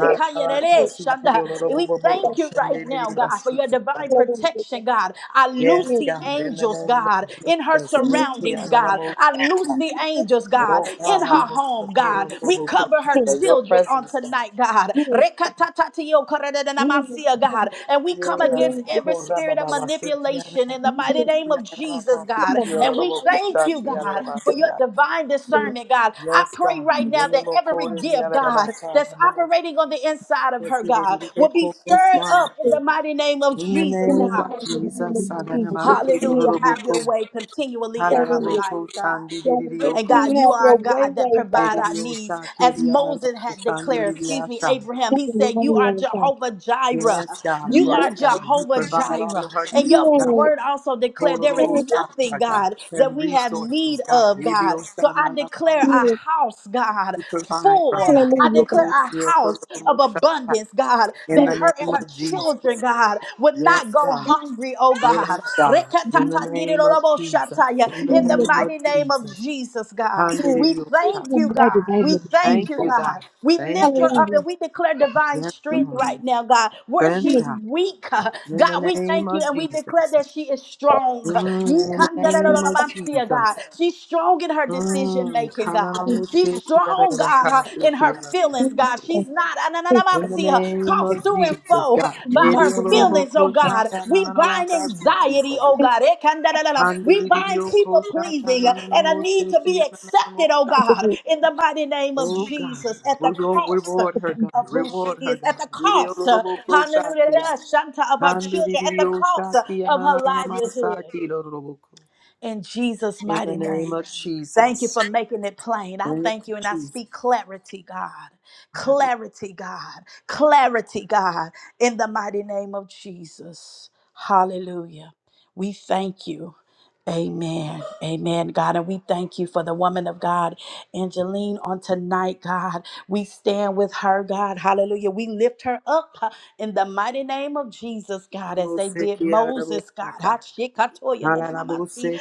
C: death. I will
D: siki
E: shanda. And
D: yororobo
E: we
D: bobo
E: thank
C: stop
E: you right
D: oshenderi
E: now, God, for
D: baski
E: your divine
D: tarabaya
C: serving
E: protection, God. I
D: Yes,
E: loose
C: you
E: the
D: God, in the
E: angels,
D: name of
E: God, in her
D: Jesus, Rete
E: surroundings, God.
D: ananamo,
E: I loose the angels,
D: oh
E: God, in
D: God,
E: her
D: I'm
E: home,
D: a-
E: God. We cover her
D: for your
E: children on
D: presence, God.
E: tonight, God. Rekatatatio korededamasiya, God. And
D: Yes, God. In the name of
E: we come against every spirit of
D: God,
E: manipulation in the mighty name of Jesus, God. And we thank you, God, for your divine discernment, God. I pray right now that every gift, God, that's operating on the inside of her, God, will be
D: yes,
E: stirred up
D: God.
E: in the mighty name of
D: In the
C: in
E: Jesus,
C: the
D: name
E: God.
C: mighty
D: of
C: name of
D: Jesus, I let him out,
C: Jesus.
D: kid, oh,
E: Hallelujah.
C: We
D: little book,
E: Have your
D: oh.
E: way continually in
D: Hala,
C: serving
E: her
C: you.
E: life,
D: oh,
E: God.
C: God, we
D: oh,
E: And
C: can
E: God, you
C: have
E: are
C: your
E: a
C: way,
E: God that
C: way,
E: provide
C: God.
E: our
D: oh,
E: needs. As Moses had declared,
D: ah,
E: excuse me, Abraham,
C: Have
E: he
C: your way,
E: said, You are
C: way, God.
E: Jehovah Jireh.
D: Yes, God.
E: You
D: Yes,
C: Yes,
E: are
D: God. You
E: Jehovah
D: provide all
E: Jireh.
D: of her
E: And
D: needs,
E: your
D: God.
E: word also declared there is
C: yes,
E: nothing,
D: Horobosata, God.
E: God, that
D: Send
E: we have
D: resources,
E: need
D: God.
E: of, God. So I declare
D: Ibiosanalamamo,
E: a
C: yes.
E: house, God,
D: You provide for
E: full.
D: her.
E: I
C: Hallelujah.
E: declare
C: God.
E: a house of
D: Horobosiotorobosha.
E: abundance, God,
D: In
C: Yes,
E: that
D: the
E: her and
D: name
E: her
C: God.
D: of Jesus.
E: children, God, would
D: Yes,
E: not go
D: God.
E: hungry, oh
D: Yes,
E: God.
D: God. In the name of Jesus.
E: Rekatatandiroroboshataya.
D: In the
E: In the
C: Hallelujah,
D: name of
E: mighty name of
D: Jesus.
E: Jesus, God,
C: Yes,
E: we
C: in
E: thank you,
C: the
D: Handiriosata.
E: God.
C: mighty name
E: We
C: of
E: thank
D: Thank
E: you,
D: you,
C: Jesus.
D: God.
E: God. We
D: Thank
E: lift
D: you,
E: her
D: God.
E: up
C: Hallelujah.
E: and we declare divine
D: Yes,
C: Yes,
E: strength
D: Lord.
E: right now, God. Where
D: Strength,
C: yes,
E: she's
D: God.
E: weak, uh,
D: In
E: God,
D: the
E: we
D: name
E: thank
D: of
E: you and we declare
D: Jesus.
E: that she is strong.
D: Mm, in the name of
E: Yikandarorobamsia, God,
D: Jesus.
E: she's strong in her decision making
D: Mm.
E: shaking, God. She's
D: Kananamushi,
E: strong, God, uh,
D: yadadadakansi,
E: in her
C: yes,
E: feelings,
D: yadadamushi.
E: God. She's not, I- I-
C: yes, yes,
E: I- I
D: In the
E: see her
D: name
C: yes.
D: of
E: tossed to and
D: Jesus,
E: fro
D: God.
E: by her feelings, oh God. We bind anxiety, oh God. Eh, can- da- da- da- da. We bind people pleasing uh, and a need to be accepted, oh God, in the mighty name of
D: Oh God,
E: Jesus at the
D: reward,
E: cost. uh,
D: reward her, God.
E: Of who she
D: Reward her,
E: is, at
D: God.
E: the
D: In
E: cost, uh,
D: the
E: hallelujah, Shanta, of her children, at
D: name
E: the cost uh, of her livelihood. In Jesus' mighty name.
D: of
E: Thank you
D: Jesus.
E: for making it plain. I
D: Thank
E: thank
D: you,
E: you and I speak clarity, God. Clarity, God. Clarity, God, in the mighty name of Jesus. Hallelujah. We thank you. Amen. Amen, God. And we thank you for the woman of God, Angeline, on tonight, God. We stand with her, God. Hallelujah. We lift her up uh, in the mighty name of Jesus, God, as they did Moses, God. Hachikatoya nenanamasi,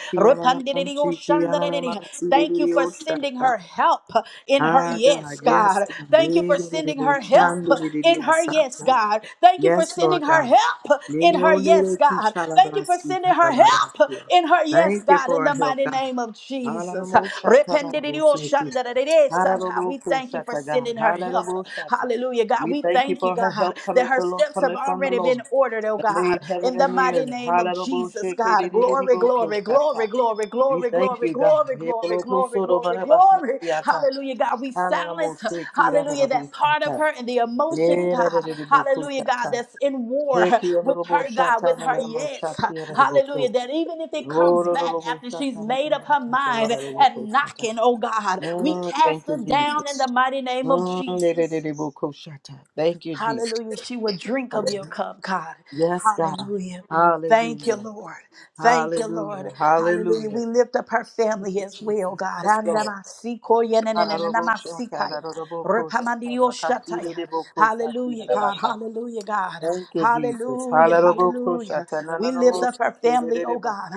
E: Thank you for sending
D: Jesus.
E: her help uh, in her
D: Ah,
E: yes,
D: God, yes,
E: God.
D: God.
E: Thank you for sending her help uh, in her yes,
D: Eleleleboshandeleleliasata.
E: God. Thank you for
D: Yes,
E: sending
D: Lord
E: her
D: God.
E: help uh, in her yes, God. Thank you for sending her help up
D: Leleolelekishalabaskikarabayasua.
E: in her. Yes,
D: Thank you
E: God, in
D: for our
E: the
D: help,
E: mighty
D: God.
E: name of Jesus.
D: Halalamoshatarabosete.
E: Rependidioshandareresa, God, We thank you for
D: Halalabokosata, God.
E: sending her help.
D: Halalaboshata.
E: Hallelujah, God.
D: We
E: We
D: thank you
E: thank you,
D: for her
E: God,
D: help
E: that
D: coming
E: her
D: from the Lord,
E: steps have
D: coming from the
E: already
D: Lord.
E: been ordered, oh
D: That
E: God,
D: made heaven
E: in the
D: and the
E: mighty
D: earth.
E: name of Jesus, God. Glory, glory, glory,
D: Halalaboshekeridelelebokosata.
E: glory,
D: We
E: glory,
D: thank
E: glory,
D: you, God.
E: glory, glory, glory, glory, glory, glory.
D: Hebolokosodobarabakasiata.
E: Hallelujah, God. We silence, hallelujah, that part of
D: Ananamosekirararabushata.
E: her and the emotions, God. Hallelujah, God,
D: Yerararabukushata.
E: that's in war with her, God, with her yes.
D: Hekiyararabushatananamoshatiararabuku.
E: Hallelujah, that even if it comes back after she's made up her mind and
D: Rorororobushatarararabushatarararabukushata.
E: knocking, oh God, we
D: Mm,
E: cast
D: Thank you,
E: it down
D: Jesus.
E: in the mighty name of
D: Mm,
E: Jesus.
D: lerararabukushata. Thank you, Jesus.
E: Hallelujah. She will drink of your
D: Hallelujah.
E: cup, God.
D: Yes, God.
E: Hallelujah. Thank you,
D: Hallelujah.
E: Lord. Thank you,
D: Hallelujah.
E: Lord. Hallelujah.
D: Hallelujah.
E: We lift up her
D: Thank
E: family
D: you,
E: as well,
D: Jesus.
E: God.
D: Yes, Lord.
E: Andamasikoya nenenenenamasikaya. Repamandioshataya. Hallelujah, God.
D: Hallelujah.
E: Hallelujah, God.
D: Thank you, Jesus.
E: Hallelujah.
D: Halaroboko
E: Hallelujah. We lift up
D: shatananomoko
E: her family, oh God.
D: kirereboko.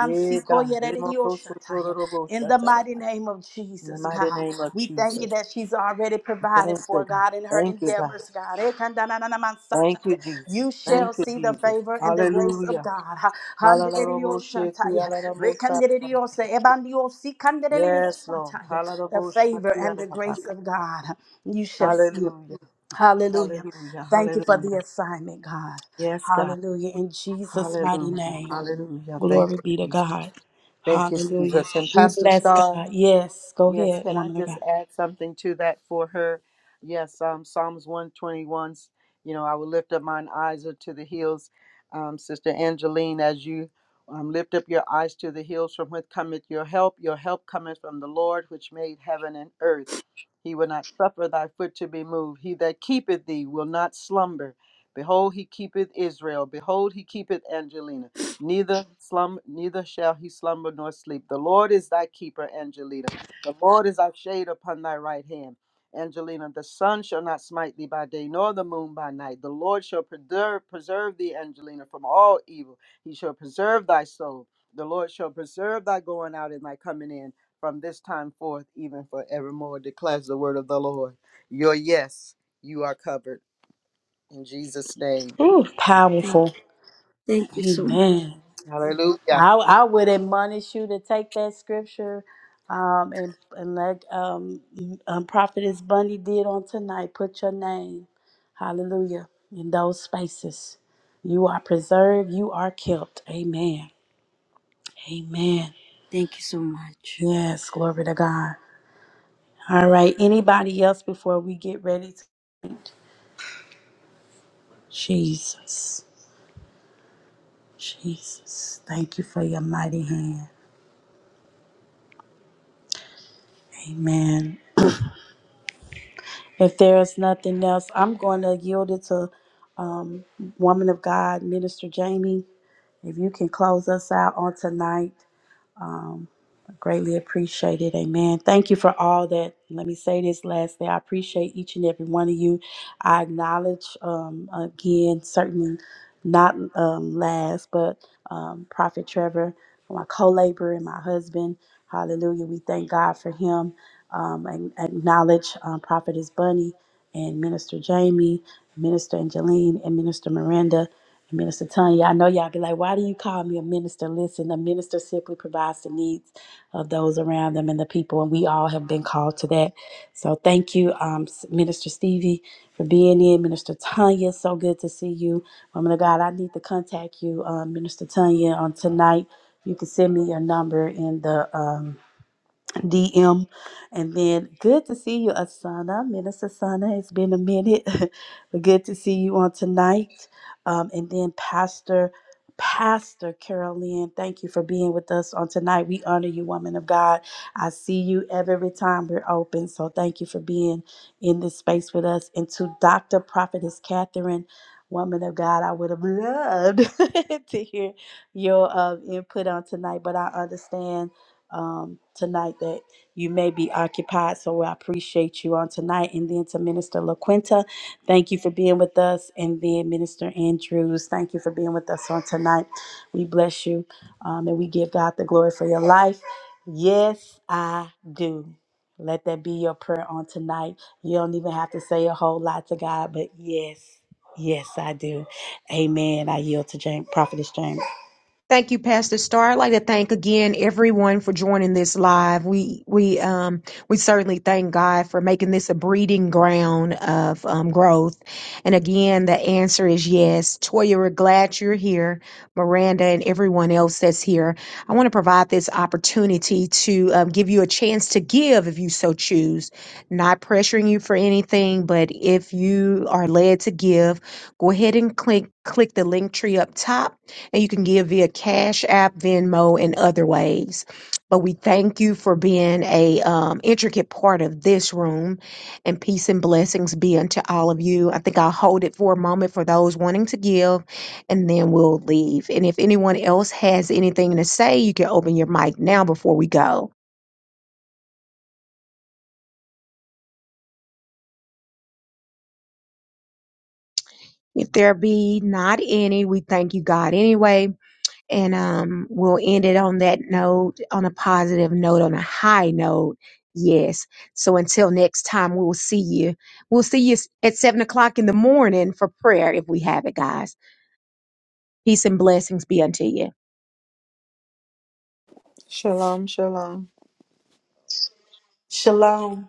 D: Yeah, God. Remoko
E: redioshataya.
D: sotororobo
E: In the
D: shataba.
E: mighty name of
D: In the
E: Jesus,
D: mighty
E: God,
D: name of
E: we thank you
D: Jesus.
E: that she's already provided
D: Thank
E: for,
D: you, God.
E: God, in her
D: Thank you, God.
E: endeavors, God. Eh,
D: Thank
E: kandanananamansataya.
D: you, Jesus.
E: You shall
D: Thank you,
E: see the
D: Jesus.
E: favor and the grace of
D: Hallelujah.
E: God. Ha-
D: Halarobo sheki
E: handedidioshantaya.
D: alarabo sataba.
E: Rekandididiose, ebandiosi,
D: Yes, Lord.
E: The
D: Halarobo
E: favor
D: shaki
E: and the grace
D: alarabaka.
E: of God, you shall see it.
D: Hallelujah.
E: Hallelujah.
D: Hallelujah.
E: Thank you for the
D: Hallelujah.
E: assignment, God.
D: Yes, God.
E: Hallelujah. In Jesus' mighty
D: Hallelujah.
E: name.
D: Hallelujah. Thank
E: Glory
D: you,
E: be to
D: Jesus.
E: God.
D: Thank you,
E: Hallelujah.
D: Jesus. And
E: We
D: Pastor
E: bless
D: Star.
E: God. Yes, go
D: Yes,
E: ahead,
D: can I
E: woman of
D: just
E: God.
D: add something to that for her? Yes, um, Psalms 121, you know, I will lift up mine eyes unto the hills. Um, Sister Angeline, as you um, lift up your eyes to the hills from whence cometh your help, your help cometh from the Lord which made heaven and earth. He will not suffer thy foot to be moved. He that keepeth thee will not slumber. Behold, he keepeth Israel. Behold, he keepeth Angelina. Neither slum, neither shall he slumber nor sleep. The Lord is thy keeper, Angelina. The Lord is thy shade upon thy right hand. Angelina, the sun shall not smite thee by day, nor the moon by night. The Lord shall preserve, preserve thee, Angelina, from all evil. He shall preserve thy soul. The Lord shall preserve thy going out and thy coming in from this time forth, even forevermore, declares the word of the Lord. Your yes, you are covered in Jesus' name.
E: Ooh,
B: Thank
E: powerful.
B: you. Thank you so much.
E: Amen.
D: Hallelujah.
E: I, I would admonish you to take that scripture um, and, and like um, um, Prophetess Bundy did on tonight, put your name, hallelujah, in those spaces. You are preserved, you are kept. Amen. Amen.
B: Thank you so much.
E: Yes, glory to God. All right, anybody else before we get ready to Jesus. Jesus, thank you for your mighty hand. Amen. If there is nothing else, I'm going to yield it to um, Woman of God, Minister Jamie. If you can close us out on tonight. Um, I greatly appreciated. Amen. Thank you for all that. Let me say this last thing. I appreciate each and every one of you. I acknowledge um, again, certainly not um, last, but um, Prophet Trevor, my co-laborer and my husband. Hallelujah. We thank God for him. Um, and acknowledge um, Prophetess Bunny and Minister Jamie, Minister Angeline, and Minister Miranda. Minister Tanya, I know y'all be like, why do you call me a minister? Listen, a minister simply provides the needs of those around them and the people, and we all have been called to that. So thank you, um, S- Minister Stevie, for being in. Minister Tanya, so good to see you. Woman of God, I need to contact you, um, Minister Tanya, on tonight. You can send me your number in the um, DM. And then good to see you, Asana. Minister Asana, it's been a minute, but good to see you on tonight. Um, and then Pastor, Pastor Carolyn, thank you for being with us on tonight. We honor you, woman of God. I see you every time we're open. So thank you for being in this space with us. And to Dr. Prophetess Catherine, woman of God, I would have loved to hear your uh, input on tonight, but I understand um, tonight that you may be occupied. So I appreciate you on tonight. And then to Minister LaQuinta, thank you for being with us. And then Minister Andrews, thank you for being with us on tonight. We bless you um, and we give God the glory for your life. Yes, I do. Let that be your prayer on tonight. You don't even have to say a whole lot to God, but yes, yes, I do. Amen. I yield to James, Prophetess James.
C: Thank you, Pastor Starr. I'd like to thank again everyone for joining this live. We we um we certainly thank God for making this a breeding ground of um, growth. And again, the answer is yes. Toya, we're glad you're here. Miranda and everyone else that's here. I want to provide this opportunity to um, give you a chance to give if you so choose. Not pressuring you for anything, but if you are led to give, go ahead and click click the link tree up top and you can give via Cash App, Venmo, and other ways. But we thank you for being a um, intricate part of this room, and peace and blessings be unto all of you. I think I'll hold it for a moment for those wanting to give, and then we'll leave. And if anyone else has anything to say, you can open your mic now before we go. If there be not any, we thank you, God, anyway and um, we'll end it on that note, on a positive note, on a high note. Yes. So until next time, we'll see you. We'll see you s- at seven o'clock in the morning for prayer if we have it, guys. Peace and blessings be unto you.
D: Shalom, shalom.
E: Shalom.